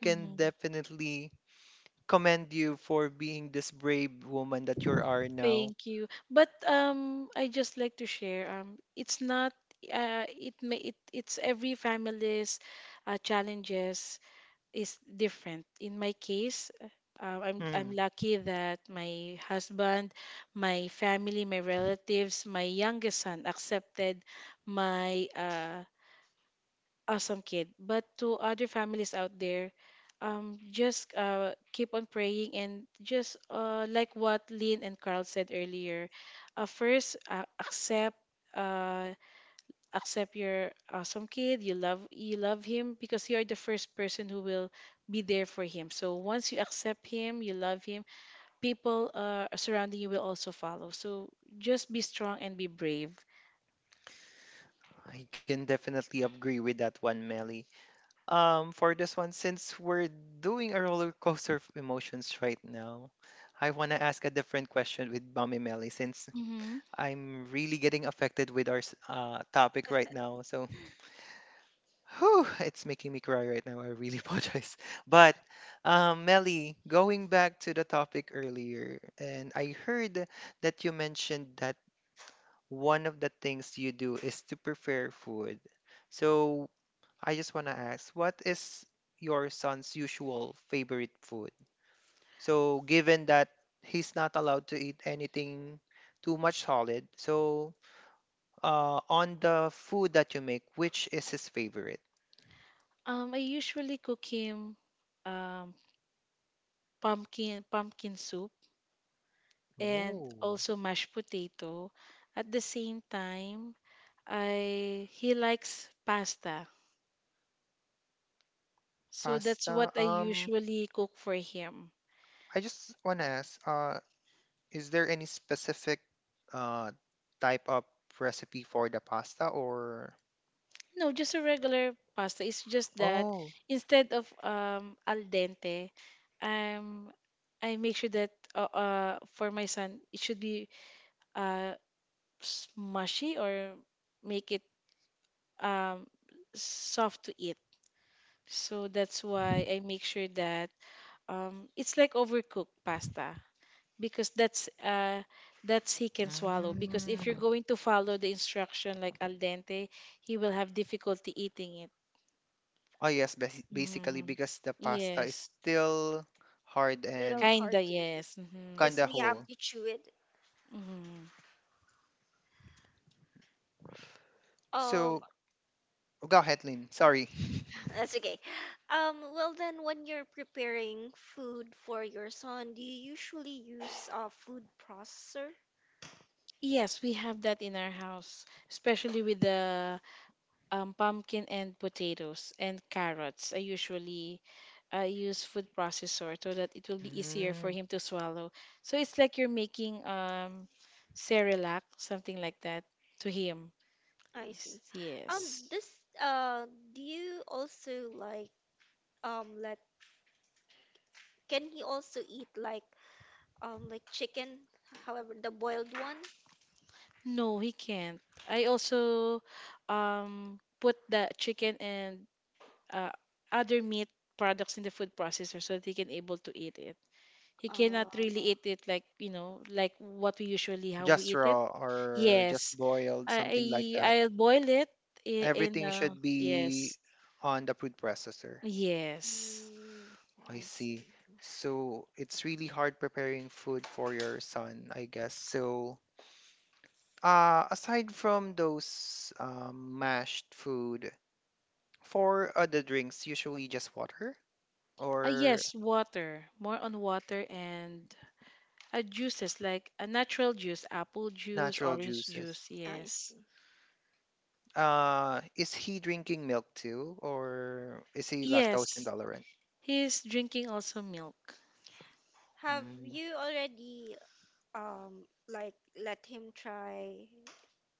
S2: mhm. Thank you. But I just like to share. It's not. It may. It, it's every family's challenges is different. In my case, I'm lucky that my husband, my family, my relatives, my youngest son accepted my awesome kid. But to other families out there, just keep on praying and just like what Lynn and Carl said earlier, first accept. Uh, accept your awesome kid, you love, you love him, because you're the first person who will be there for him. So once you accept him, you love him, people surrounding you will also follow. So just be strong and be brave. hmm I usually cook him um pumpkin soup and also mashed potato. At the same time, I he likes pasta, so that's what I usually cook for him. No, just a regular pasta. It's just that instead of al dente, um I make sure that for my son it should be uh smushy or make it um soft to eat. So that's why I make sure that it's like overcooked pasta because that's he can swallow because if you're going to follow the instruction like al dente, he will have difficulty eating it. Mm, yes,
S1: little hard
S2: kinda
S1: to eat
S2: yes. Hmm.
S1: because we have to chew it.
S2: Hmm.
S1: um that's okay. Well, then when you're preparing food for your son, do you usually use a food processor?
S2: Yes, we have that in our house, especially with the pumpkin and potatoes and carrots. I usually use food processor so that it will be easier for him to swallow. So it's like you're making Cerelac, something like that, to him.
S1: I
S2: Yes.
S1: see. Um,
S2: Yes.
S1: this uh, do you also like let can he also eat like chicken, however, the boiled one?
S2: No, he can't. I also put the chicken and uh, other meat products in the food processor so that he can able to eat it. He cannot really
S1: Uh,
S2: eat it like you know like what we usually how we eat it. Yes, I'll boil it in yes yes
S1: mm, I see.
S2: yes water more on water and juices like a natural juice apple juice orange juice
S1: I
S2: yes
S1: see.
S2: yes he's drinking also milk
S1: Have you already like let him try,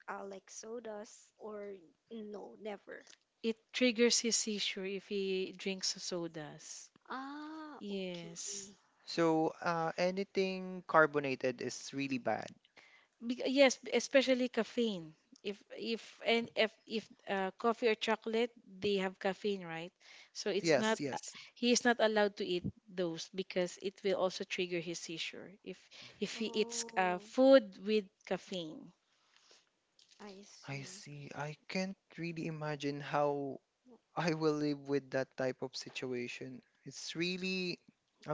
S1: like sodas or no, never?
S2: it triggers his seizure if he drinks sodas.
S1: Ah, okay.
S2: Yes. Yes, especially caffeine. If and if if coffee or chocolate, they have caffeine, right? So it's not
S1: Mm.
S2: he is not allowed to eat those because it will also trigger his seizure if he eats
S1: Oh,
S2: food with caffeine.
S1: I see.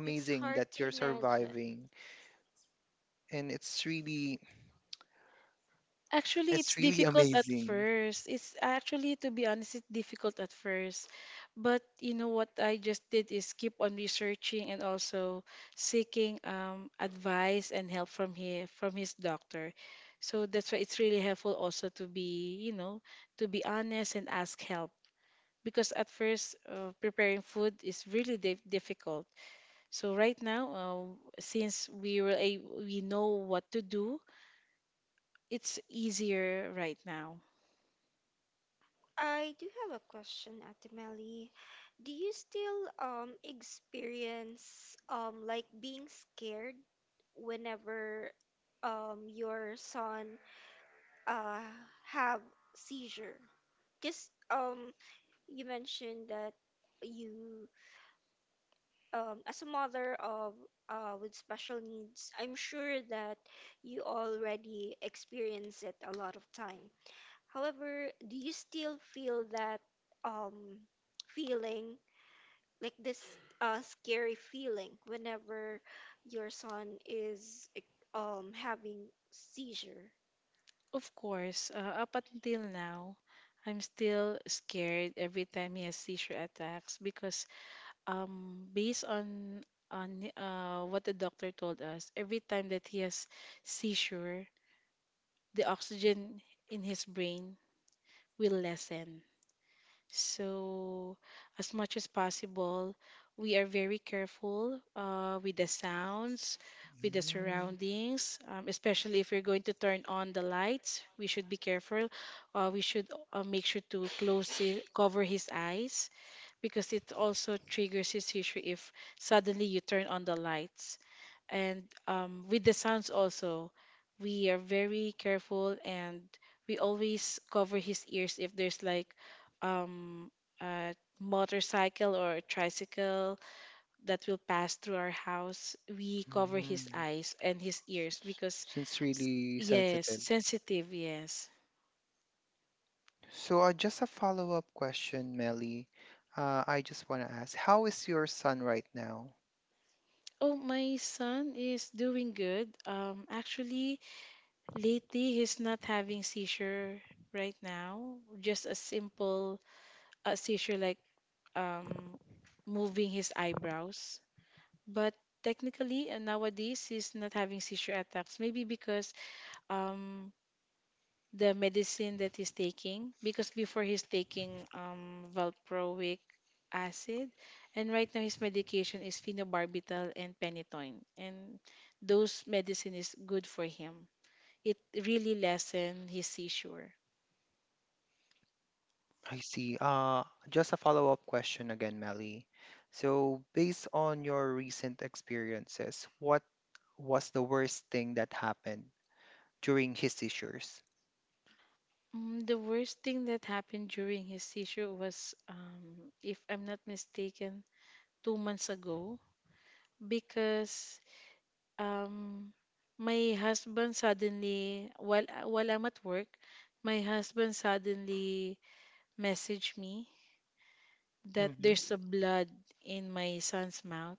S1: It's hard to imagine.
S2: Actually, it's difficult at first. It's actually, to be honest, it's difficult at first. But you know what I just did is keep on researching and also seeking advice and help from he from his doctor. So that's why it's really helpful also to be, you know, to be honest and ask help. Because at first, preparing food is really difficult. So right now, since we know what to do, it's easier right now.
S1: I do have a question, Atimeli. Do you still experience like being scared whenever your son uh have seizure? Because you mentioned that you as a mother of with special needs, I'm sure that you already experience it a lot of times. However, do you still feel that um feeling like this scary feeling whenever your son is, like, having seizure?
S2: Of course, up until now, I'm still scared every time he has seizure attacks because based on what the doctor told us, every time that he has seizure, the oxygen in his brain will lessen. So, as much as possible, we are very careful with the sounds, with the surroundings, especially if you're going to turn on the lights. We should be careful. We should make sure to cover his eyes because it also triggers this issue if suddenly you turn on the lights. And with the sounds also, we are very careful and we always cover his ears if there's like um, a motorcycle or a tricycle that will pass through our house. We cover his eyes and his ears because, s- yes, sensitive, yes. Oh, my son is doing good. Actually, lately, he's not having seizure right now. Just a simple seizure like um, moving his eyebrows. But technically, nowadays, he's not having seizure attacks. Maybe because um, the medicine that he's taking. Because before he's taking valproic acid, and right now his medication is phenobarbital and penitoin, and those medicine is good for him. It really lessen his seizure. Mm, the worst thing that happened during his seizure was, if I'm not mistaken, 2 months ago because um, my husband suddenly while I'm at work, my husband suddenly messaged me that there's a blood in my son's mouth,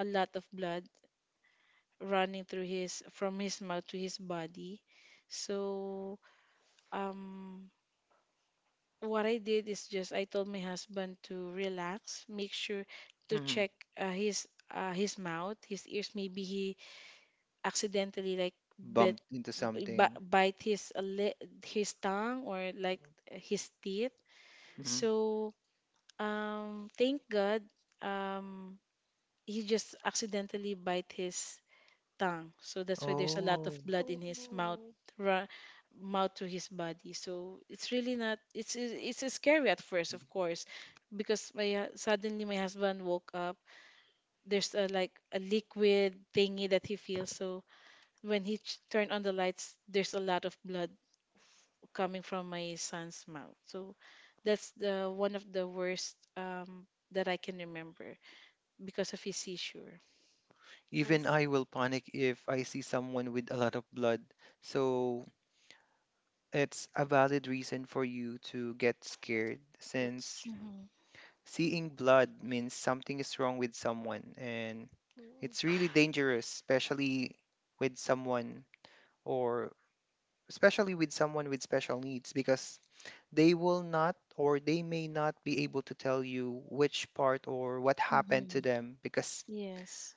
S2: a lot of blood running through his from his mouth to his body. So um what I did is just I told my husband to relax, make sure to check his mouth, his ears. Maybe he accidentally like bite his his tongue or like his teeth. So thank God um, he just accidentally bite his tongue. So that's why there's a lot of blood in his mouth,
S1: Oh,
S2: ra- mouth to his body. So it's really not. It's scary at first, of course, because suddenly my husband woke up. There's a like a liquid thingy that he feels. So when he turned on the lights, there's a lot of blood coming from my son's mouth. So that's the one of the worst that I can remember because of his seizure.
S1: I see. That's true.
S2: Hmm.
S1: Mm,
S2: Mm-hmm. Mm-hmm. Yes.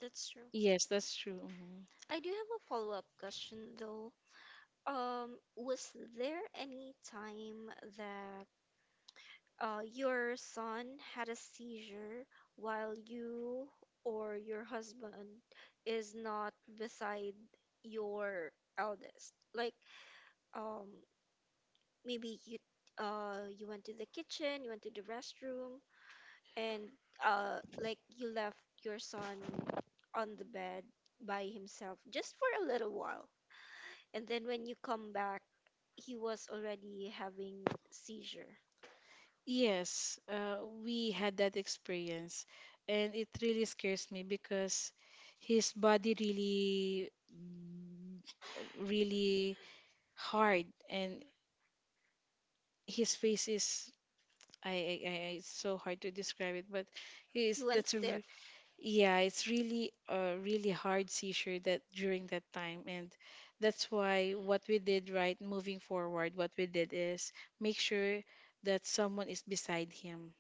S1: that's true.
S2: Yes, that's true. Mhm.
S1: I do have a follow-up question though. Was there any time that your son had a seizure while you or your husband is not beside your eldest, like um maybe you you went to the kitchen, you went to the restroom, and like you left your son on the bed by himself just for a little while, and then when you come back he was already having seizure,
S2: Yes, we had that experience, and it really scares me because his body really, mm, really hard, and his face is I it's so hard to describe it, but he
S1: he
S2: is
S1: went
S2: that's a
S1: stiff.
S2: re- yeah, it's really a really hard seizure that during that time, and that's why what we did right moving forward, what we did is make sure that someone is beside him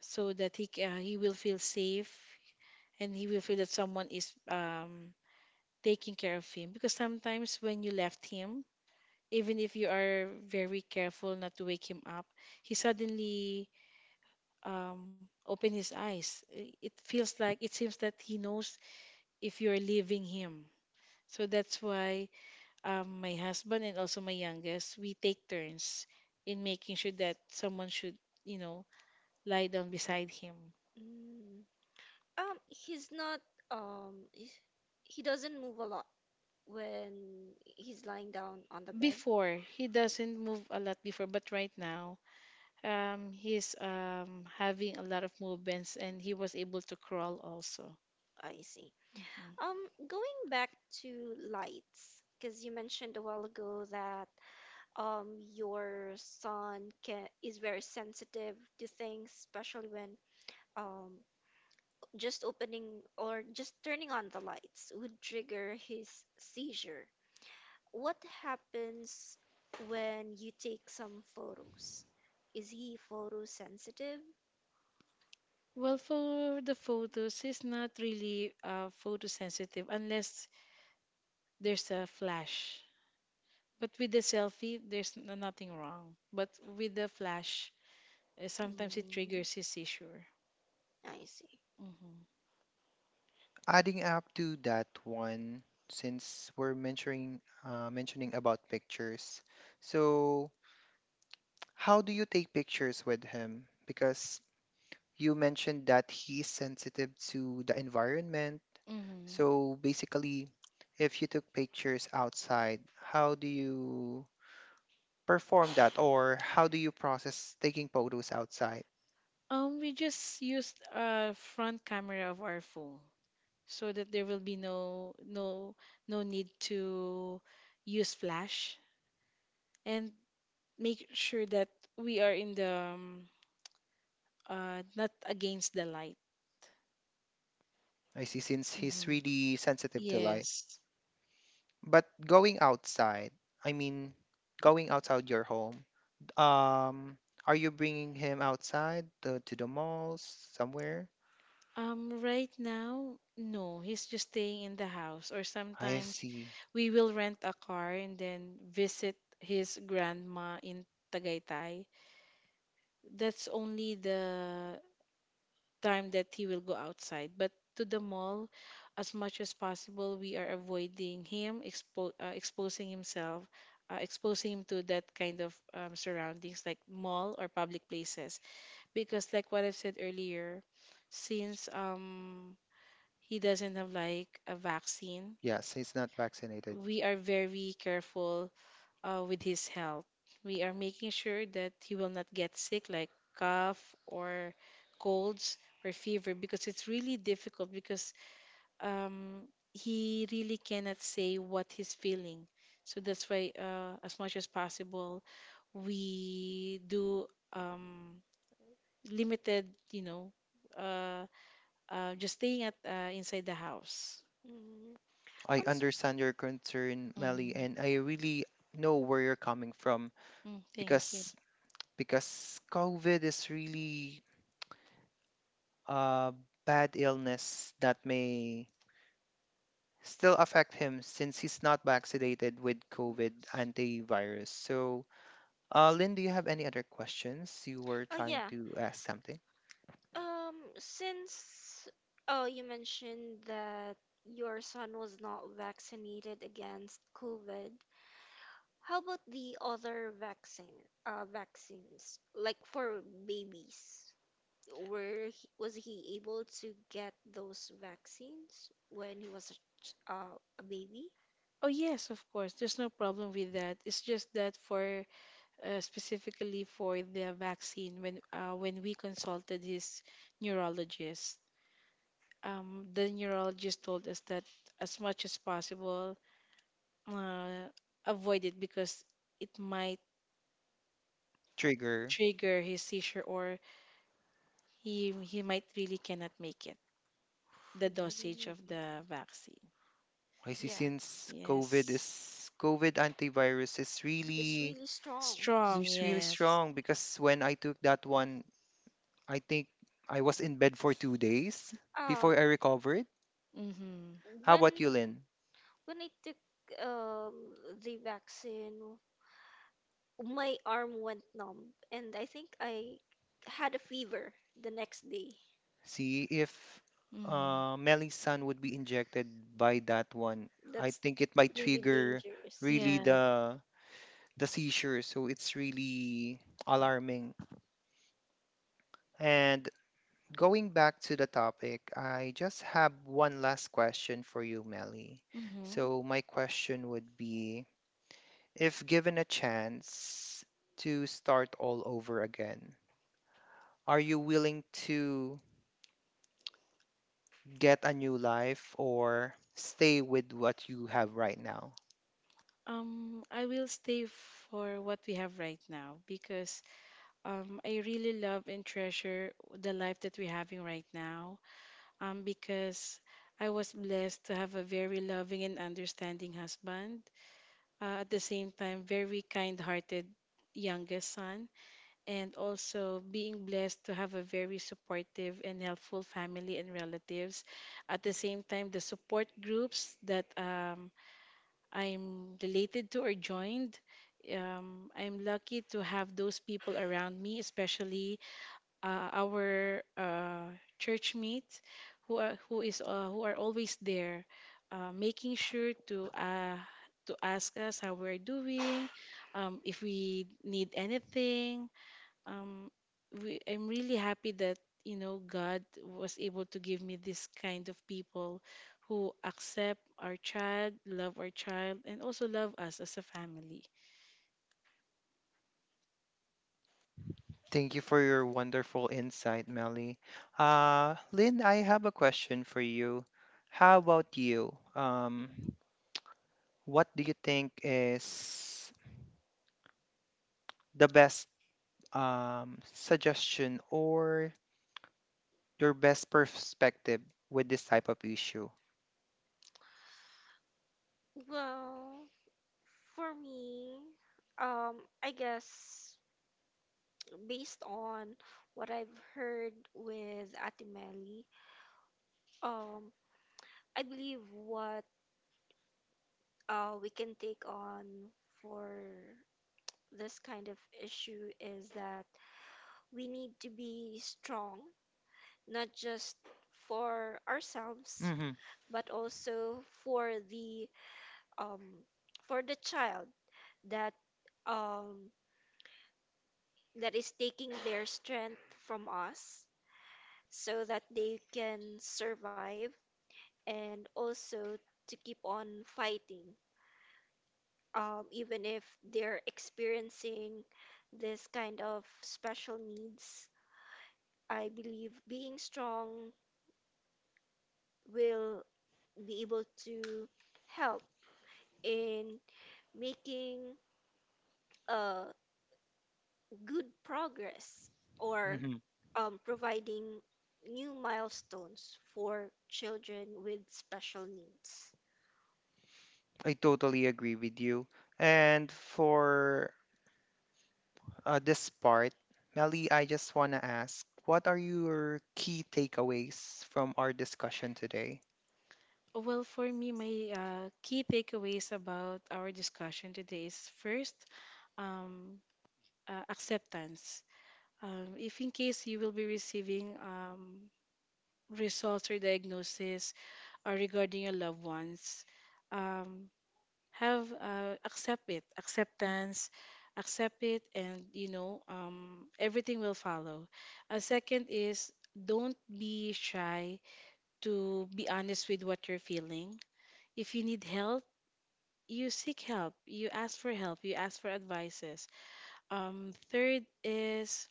S2: so that he will feel safe and he will feel that someone is taking care of him because sometimes when you left him, even if you are very careful not to wake him up, he suddenly open his eyes. It feels like it seems that he knows if you're leaving him. So that's why my husband and also my youngest, we take turns in making sure that someone should, you know, lie down beside him.
S1: Mm. He's not. He's- He doesn't move a lot when he's lying down on the bed.
S2: Before, he doesn't move a lot before, but right now, he's having a lot of movements and he was able to crawl also.
S1: I see.
S2: Mhm.
S1: Going back to lights, because you mentioned a while ago that your son can is very sensitive to things, especially when um just opening or just turning on the lights would trigger his seizure. What happens when you take some photos? Is he photosensitive?
S2: Well, for the photos, he's not really photosensitive unless there's a flash. But with the selfie, there's nothing wrong. But with the flash, eh, sometimes it
S1: Mm,
S2: triggers his issue.
S1: I see.
S2: Mm-hmm. Mm-hmm. We just used a front camera of our phone so that there will be no need to use flash and make sure that we are in the not against the light. Mm-hmm. Yes. Right now, no. He's just staying in the house, or sometimes we will rent a car and then visit his grandma in Tagaytay. That's only the time that he will go outside. But to the mall, as much as possible, we are avoiding exposing himself, exposing him to that kind of surroundings like mall or public places. Because, like what I've said earlier, since he doesn't have like a vaccine. We are very careful with his health. We are making sure that he will not get sick like cough or colds or fever because it's really difficult because um, he really cannot say what he's feeling. So that's why, as much as possible, we do um, limited, you know, uh, just staying at inside the house.
S1: Mm, I'm s-
S2: Mm, thank you.
S1: yes. Oh yeah. Since oh you mentioned that your son was not vaccinated against COVID, how about the other vaccines? Like, for babies, was he able to get those vaccines when he was a, a baby?
S2: Oh, yes, of course. There's no problem with that. It's just that for specifically for the vaccine, when we consulted his neurologist, the neurologist told us that as much as possible, uh, avoid it because it might trigger his seizure or he might really cannot make it, the dosage of
S1: Mm.
S2: the vaccine.
S1: Yeah,
S2: Yes.
S1: it's really strong.
S2: Strong, yes.
S1: Uh,
S2: Mm-hmm.
S1: when when I took um the vaccine, my arm went numb, and I think I had a fever the next day.
S2: Mm-hmm.
S1: That's really dangerous.
S2: Yeah. Mm-hmm. I will stay for what we have right now because I really love and treasure the life that we're having right now. Because I was blessed to have a very loving and understanding husband, at the same time, very kind hearted youngest son, and also being blessed to have a very supportive and helpful family and relatives. At the same time, the support groups that I'm related to or joined. I'm lucky to have those people around me, especially our church mates who are always there, making sure to ask us how we're doing, if we need anything, um we, I'm really happy that you know God was able to give me this kind of people who accept our child, love our child, and also love us as a family.
S1: Mhm. Well, for me, I guess based on what I've heard with Atimeli, um, I believe what we can take on for this kind of issue is that we need to be strong, not just for ourselves, but also um for the child that um that is taking their strength from us so that they can survive, and also to keep on fighting even if they're experiencing this kind of special needs. I believe being strong will be able to help in making uh good progress, or providing new milestones for children with special needs.
S2: Well, for me, my key takeaways about our discussion today is first, um, acceptance. If in case you will be receiving results or diagnosis or regarding your loved ones, um, have acceptance, accept it, and you know everything will follow. A second is don't be shy to be honest with what you're feeling. If you need help, you seek help. You ask for help. You ask for advices. Third is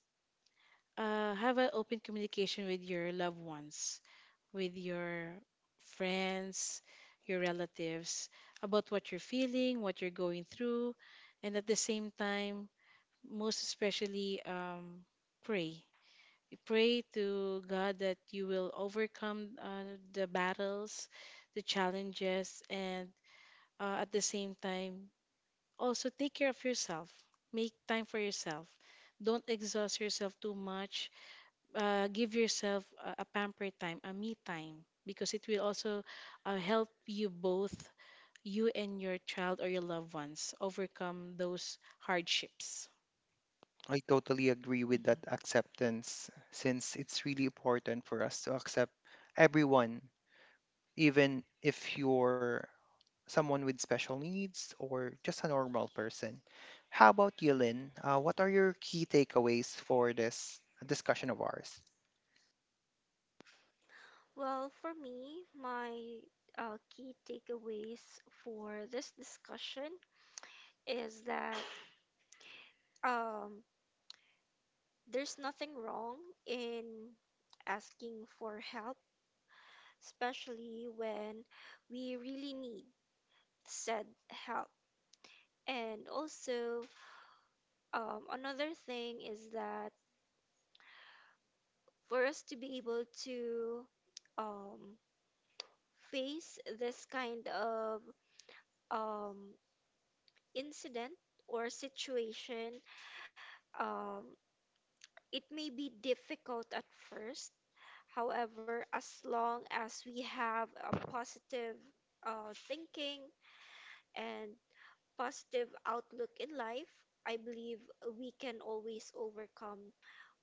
S2: have an open communication with your loved ones with your friends, your relatives about what you're feeling, what you're going through, and at the same time, most especially, pray. Pray to God that you will overcome the battles, the challenges, and at the same time, also take care of yourself. Make time for yourself. Don't exhaust yourself too much give yourself a pamper time, a me time, because it will also help you both, you and your child or your loved ones, overcome those hardships. Mhm.
S1: Well, for me, my key takeaways for this discussion is that um, there's nothing wrong in asking for help, especially when we really need said help. And also, another thing is that for us to be able to um, face this kind of um, incident or situation. Um, it may be difficult at first. However, as long as we have a positive thinking and positive outlook in life, I believe we can always overcome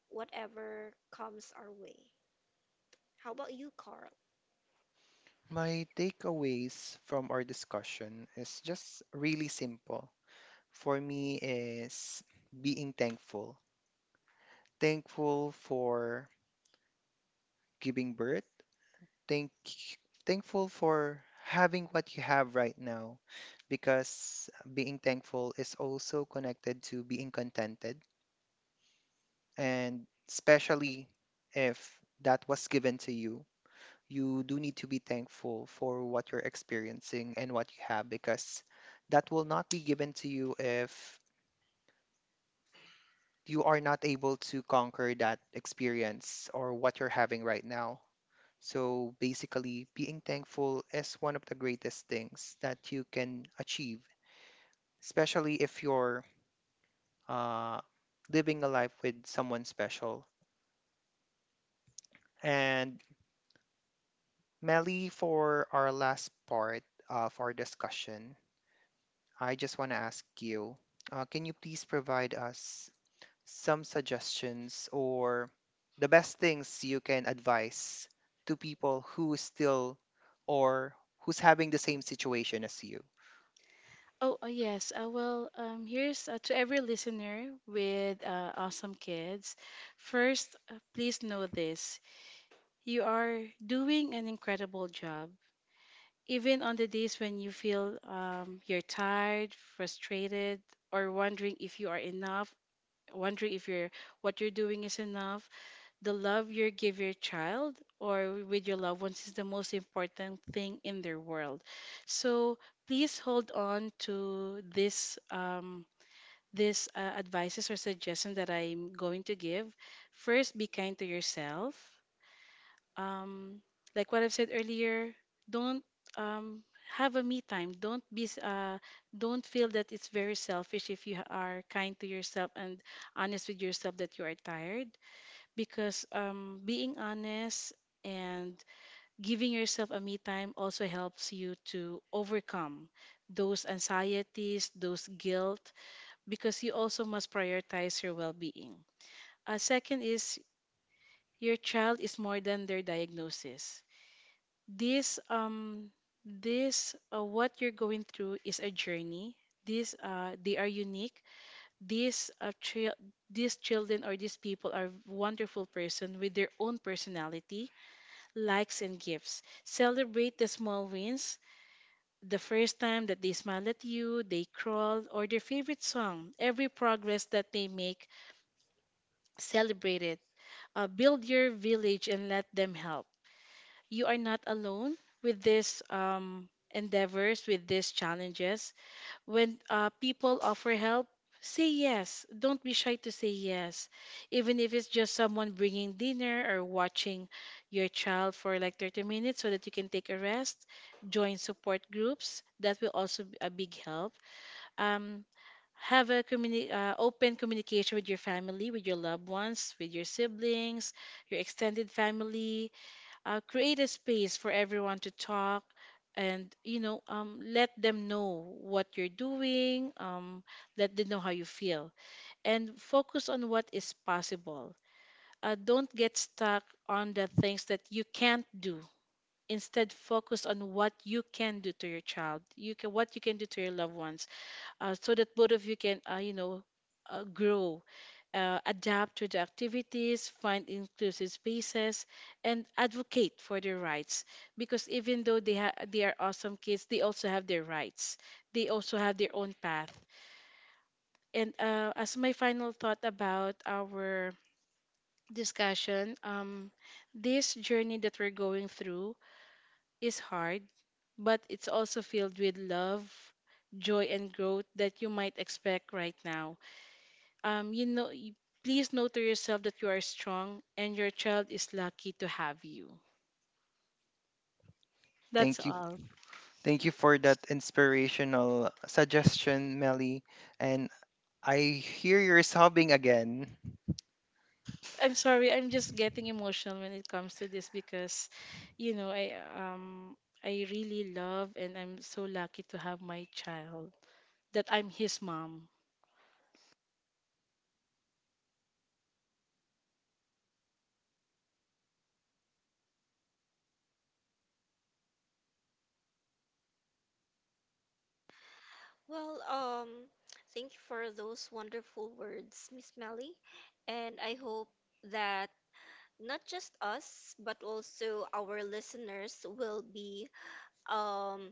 S1: whatever comes our way. How about you, Carl?
S2: Oh, yes. Here's to every listener with awesome kids. First, please know this, you are doing an incredible job. Even on the days when you feel you're tired, frustrated, or wondering if you are enough, wondering if you're, what you're doing is enough. The love you give your child or with your loved ones is the most important thing in their world. So please hold on to this advices or suggestions that I'm going to give. First, be kind to yourself, um, like what I've said earlier, don't um, have a me time. Don't be s- don't feel that it's very selfish if you are kind to yourself and honest with yourself that you are tired, because being honest and giving yourself a me time also helps you to overcome those anxieties, those guilt, because you also must prioritize your well-being. Second is, your child is more than their diagnosis. This this what you're going through is a journey. These they are unique. these uh, chil- these children or these people are wonderful person with their own personality, likes and gifts. Celebrate the small wins, the first time that they smile at you, they crawl, or their favorite song, every progress that they make, celebrate it. Build your village and let them help. You are not alone with these endeavors, with these challenges. When people offer help, say yes. Don't be shy to say yes. Even if it's just someone bringing dinner or watching your child for like 30 minutes so that you can take a rest, join support groups. That will also be a big help. Um, have open communication with your family, with your loved ones, with your siblings, your extended family. Create a space for everyone to talk and let them know what you're doing, let them know how you feel, and focus on what is possible. Don't get stuck on the things that you can't do. Instead focus on what you can do to your child, you can, what you can do to your loved ones, so that both of you can, grow, adapt to the activities, find inclusive spaces, and advocate for their rights. Because even though they are awesome kids, they also have their rights. They also have their own path. And as my final thought about our discussion, this journey that we're going through is hard, but it's also filled with love, joy, and growth that you might expect right now. um, you know, y- Please know to yourself that you are strong and your child is lucky to have you. That's all. I'm sorry, I'm just getting emotional when it comes to this because, you know, I really love and I'm so lucky to have my child, that I'm his mom.
S1: Well, thank you for those wonderful words, Miss Melly. And I hope that not just us, but also our listeners will be um,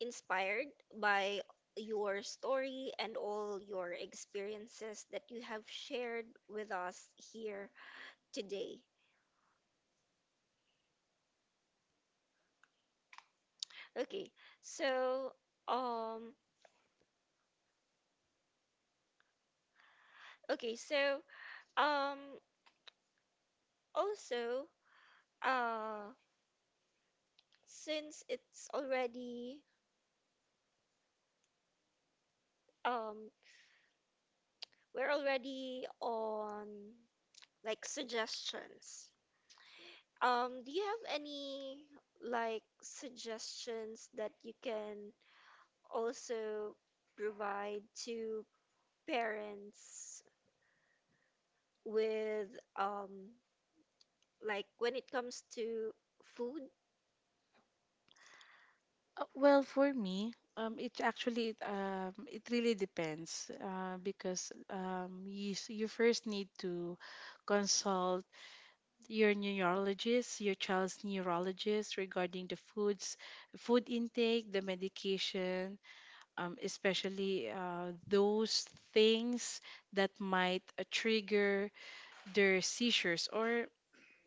S1: inspired by your story and all your experiences that you have shared with us here today. Okay, so, um, okay, so, um, also, uh, since it's already, um, we're already on like suggestions. Do you have any like suggestions that you can also provide to parents with um like when it comes to food?
S2: For me, it actually it really depends, because you first need to consult your neurologist, your child's neurologist regarding the foods, food intake, the medication, especially those things that might trigger their seizures or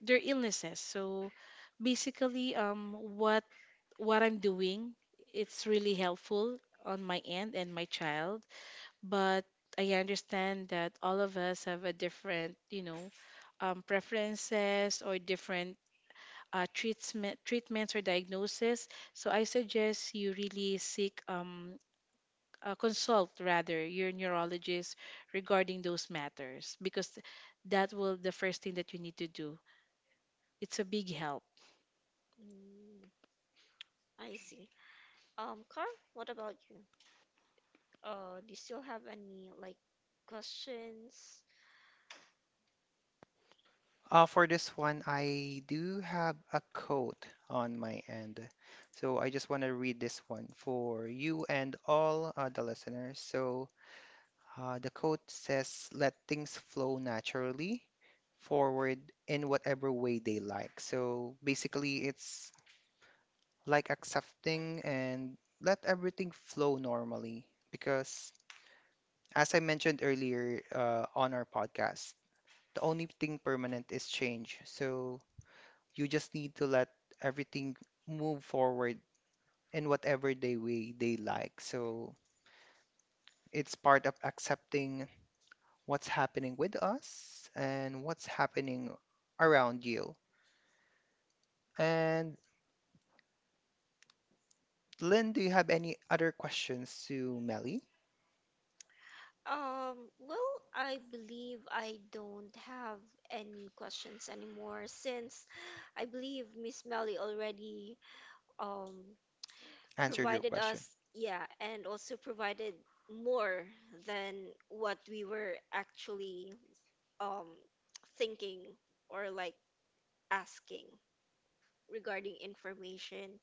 S2: their illnesses. So basically, what I'm doing, it's really helpful on my end and my child, but I understand that all of us have a different, you know, preferences or different treatments or diagnosis. So I suggest you really seek consult rather your neurologist regarding those matters, because that will the first thing that you need to do. It's a big help.
S1: Mm, I see. Carl, what about you? Do you still have any like questions?
S3: For this one, I do have a quote on my end. So I just want to read this one for you and all the listeners. So the quote says, "Let things flow naturally forward in whatever way they like." So basically, it's like accepting and let everything flow normally. Because as I mentioned earlier on our podcast, the only thing permanent is change. So you just need to let everything move forward in whatever they way they like. So it's part of accepting what's happening with us and what's happening around you. And Lynn, do you have any other questions to Melly?
S1: Well, I believe I don't have any questions anymore, since I believe Miss Melly already um
S3: Answer your
S1: provided
S3: question.
S1: us, yeah, and also provided more than what we were actually um thinking, or like asking, regarding information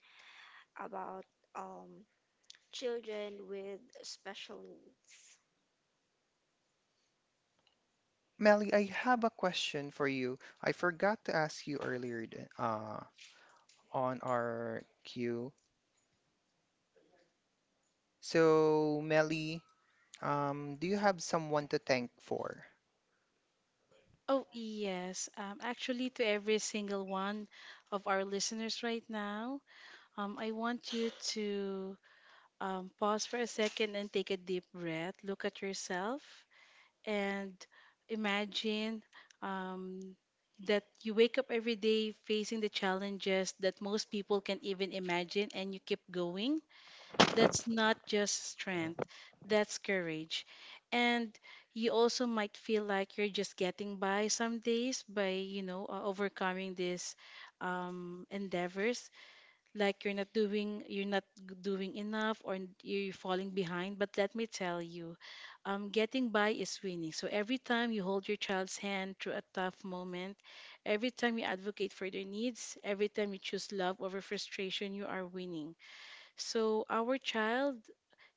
S1: about um children with special needs.
S3: Melly, I have a question for you. I forgot to ask you earlier uh, on our queue. So, Melly, do you have someone to thank for?
S2: Oh yes, actually, to every single one of our listeners right now, I want you to, pause for a second and take a deep breath. Look at yourself and imagine, um, that you wake up every day facing the challenges that most people can't even imagine, and you keep going. That's not just strength, that's courage. And you also might feel like you're just getting by some days, by you know, overcoming these, endeavors, like you're not doing, you're not g- doing enough, or you're falling behind, but let me tell you, getting by is winning. So every time you hold your child's hand through a tough moment, every time you advocate for their needs, every time you choose love over frustration, you are winning. So our child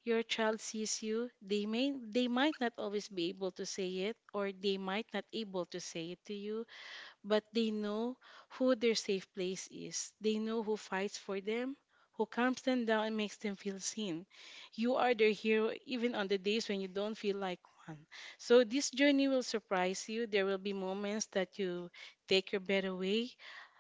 S2: your child sees you. They may, they might not always be able to say it, or they might not able to say it to you, but they know who their safe place is. They know who fights for them, who calms them down and makes them feel seen. You are their hero, even on the days when you don't feel like one. So this journey will surprise you. There will be moments that you take your breath away,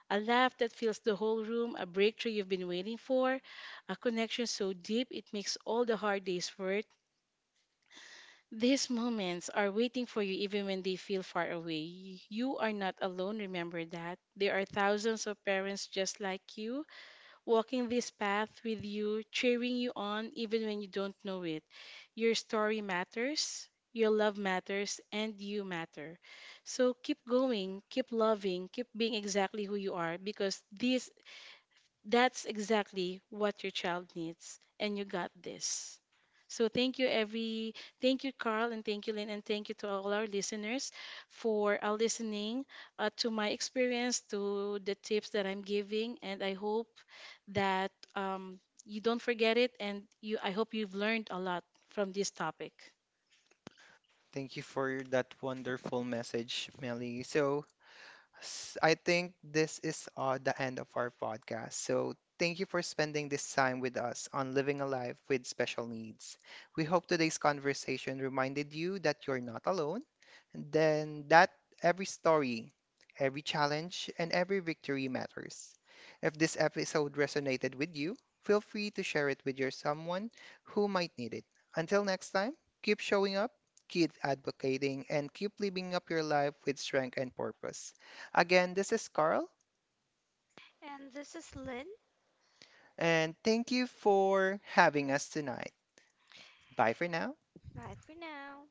S2: a laugh that fills the whole room, a breakthrough you've been waiting for, a connection so deep it makes all the hard days worth. These moments are waiting for you even when they feel far away. You are not alone, remember that. There are thousands of parents just like you walking this path with you, cheering you on even when you don't know it. Your story matters, your love matters, and you matter. So keep going, keep loving, keep being exactly who you are, because this that's exactly what your child needs, and you got this. So thank you Carl, and thank you Lynn, and thank you to all our listeners for listening to my experience, to the tips that I'm giving, and I hope that, you don't forget it, and you I hope you've learned a lot from this topic.
S3: Thank you for that wonderful message, Melly. So, I think this is the end of our podcast. So, thank you for spending this time with us on Living a Life with Special Needs. We hope today's conversation reminded you that you're not alone, and then that every story, every challenge, and every victory matters. If this episode resonated with you, feel free to share it with your someone who might need it. Until next time, keep showing up, keep advocating, and keep living up your life with strength and purpose. Again, this is Carl,
S1: And this is Lynn.
S3: and thank you for having us tonight. Bye for now.
S1: Bye for now.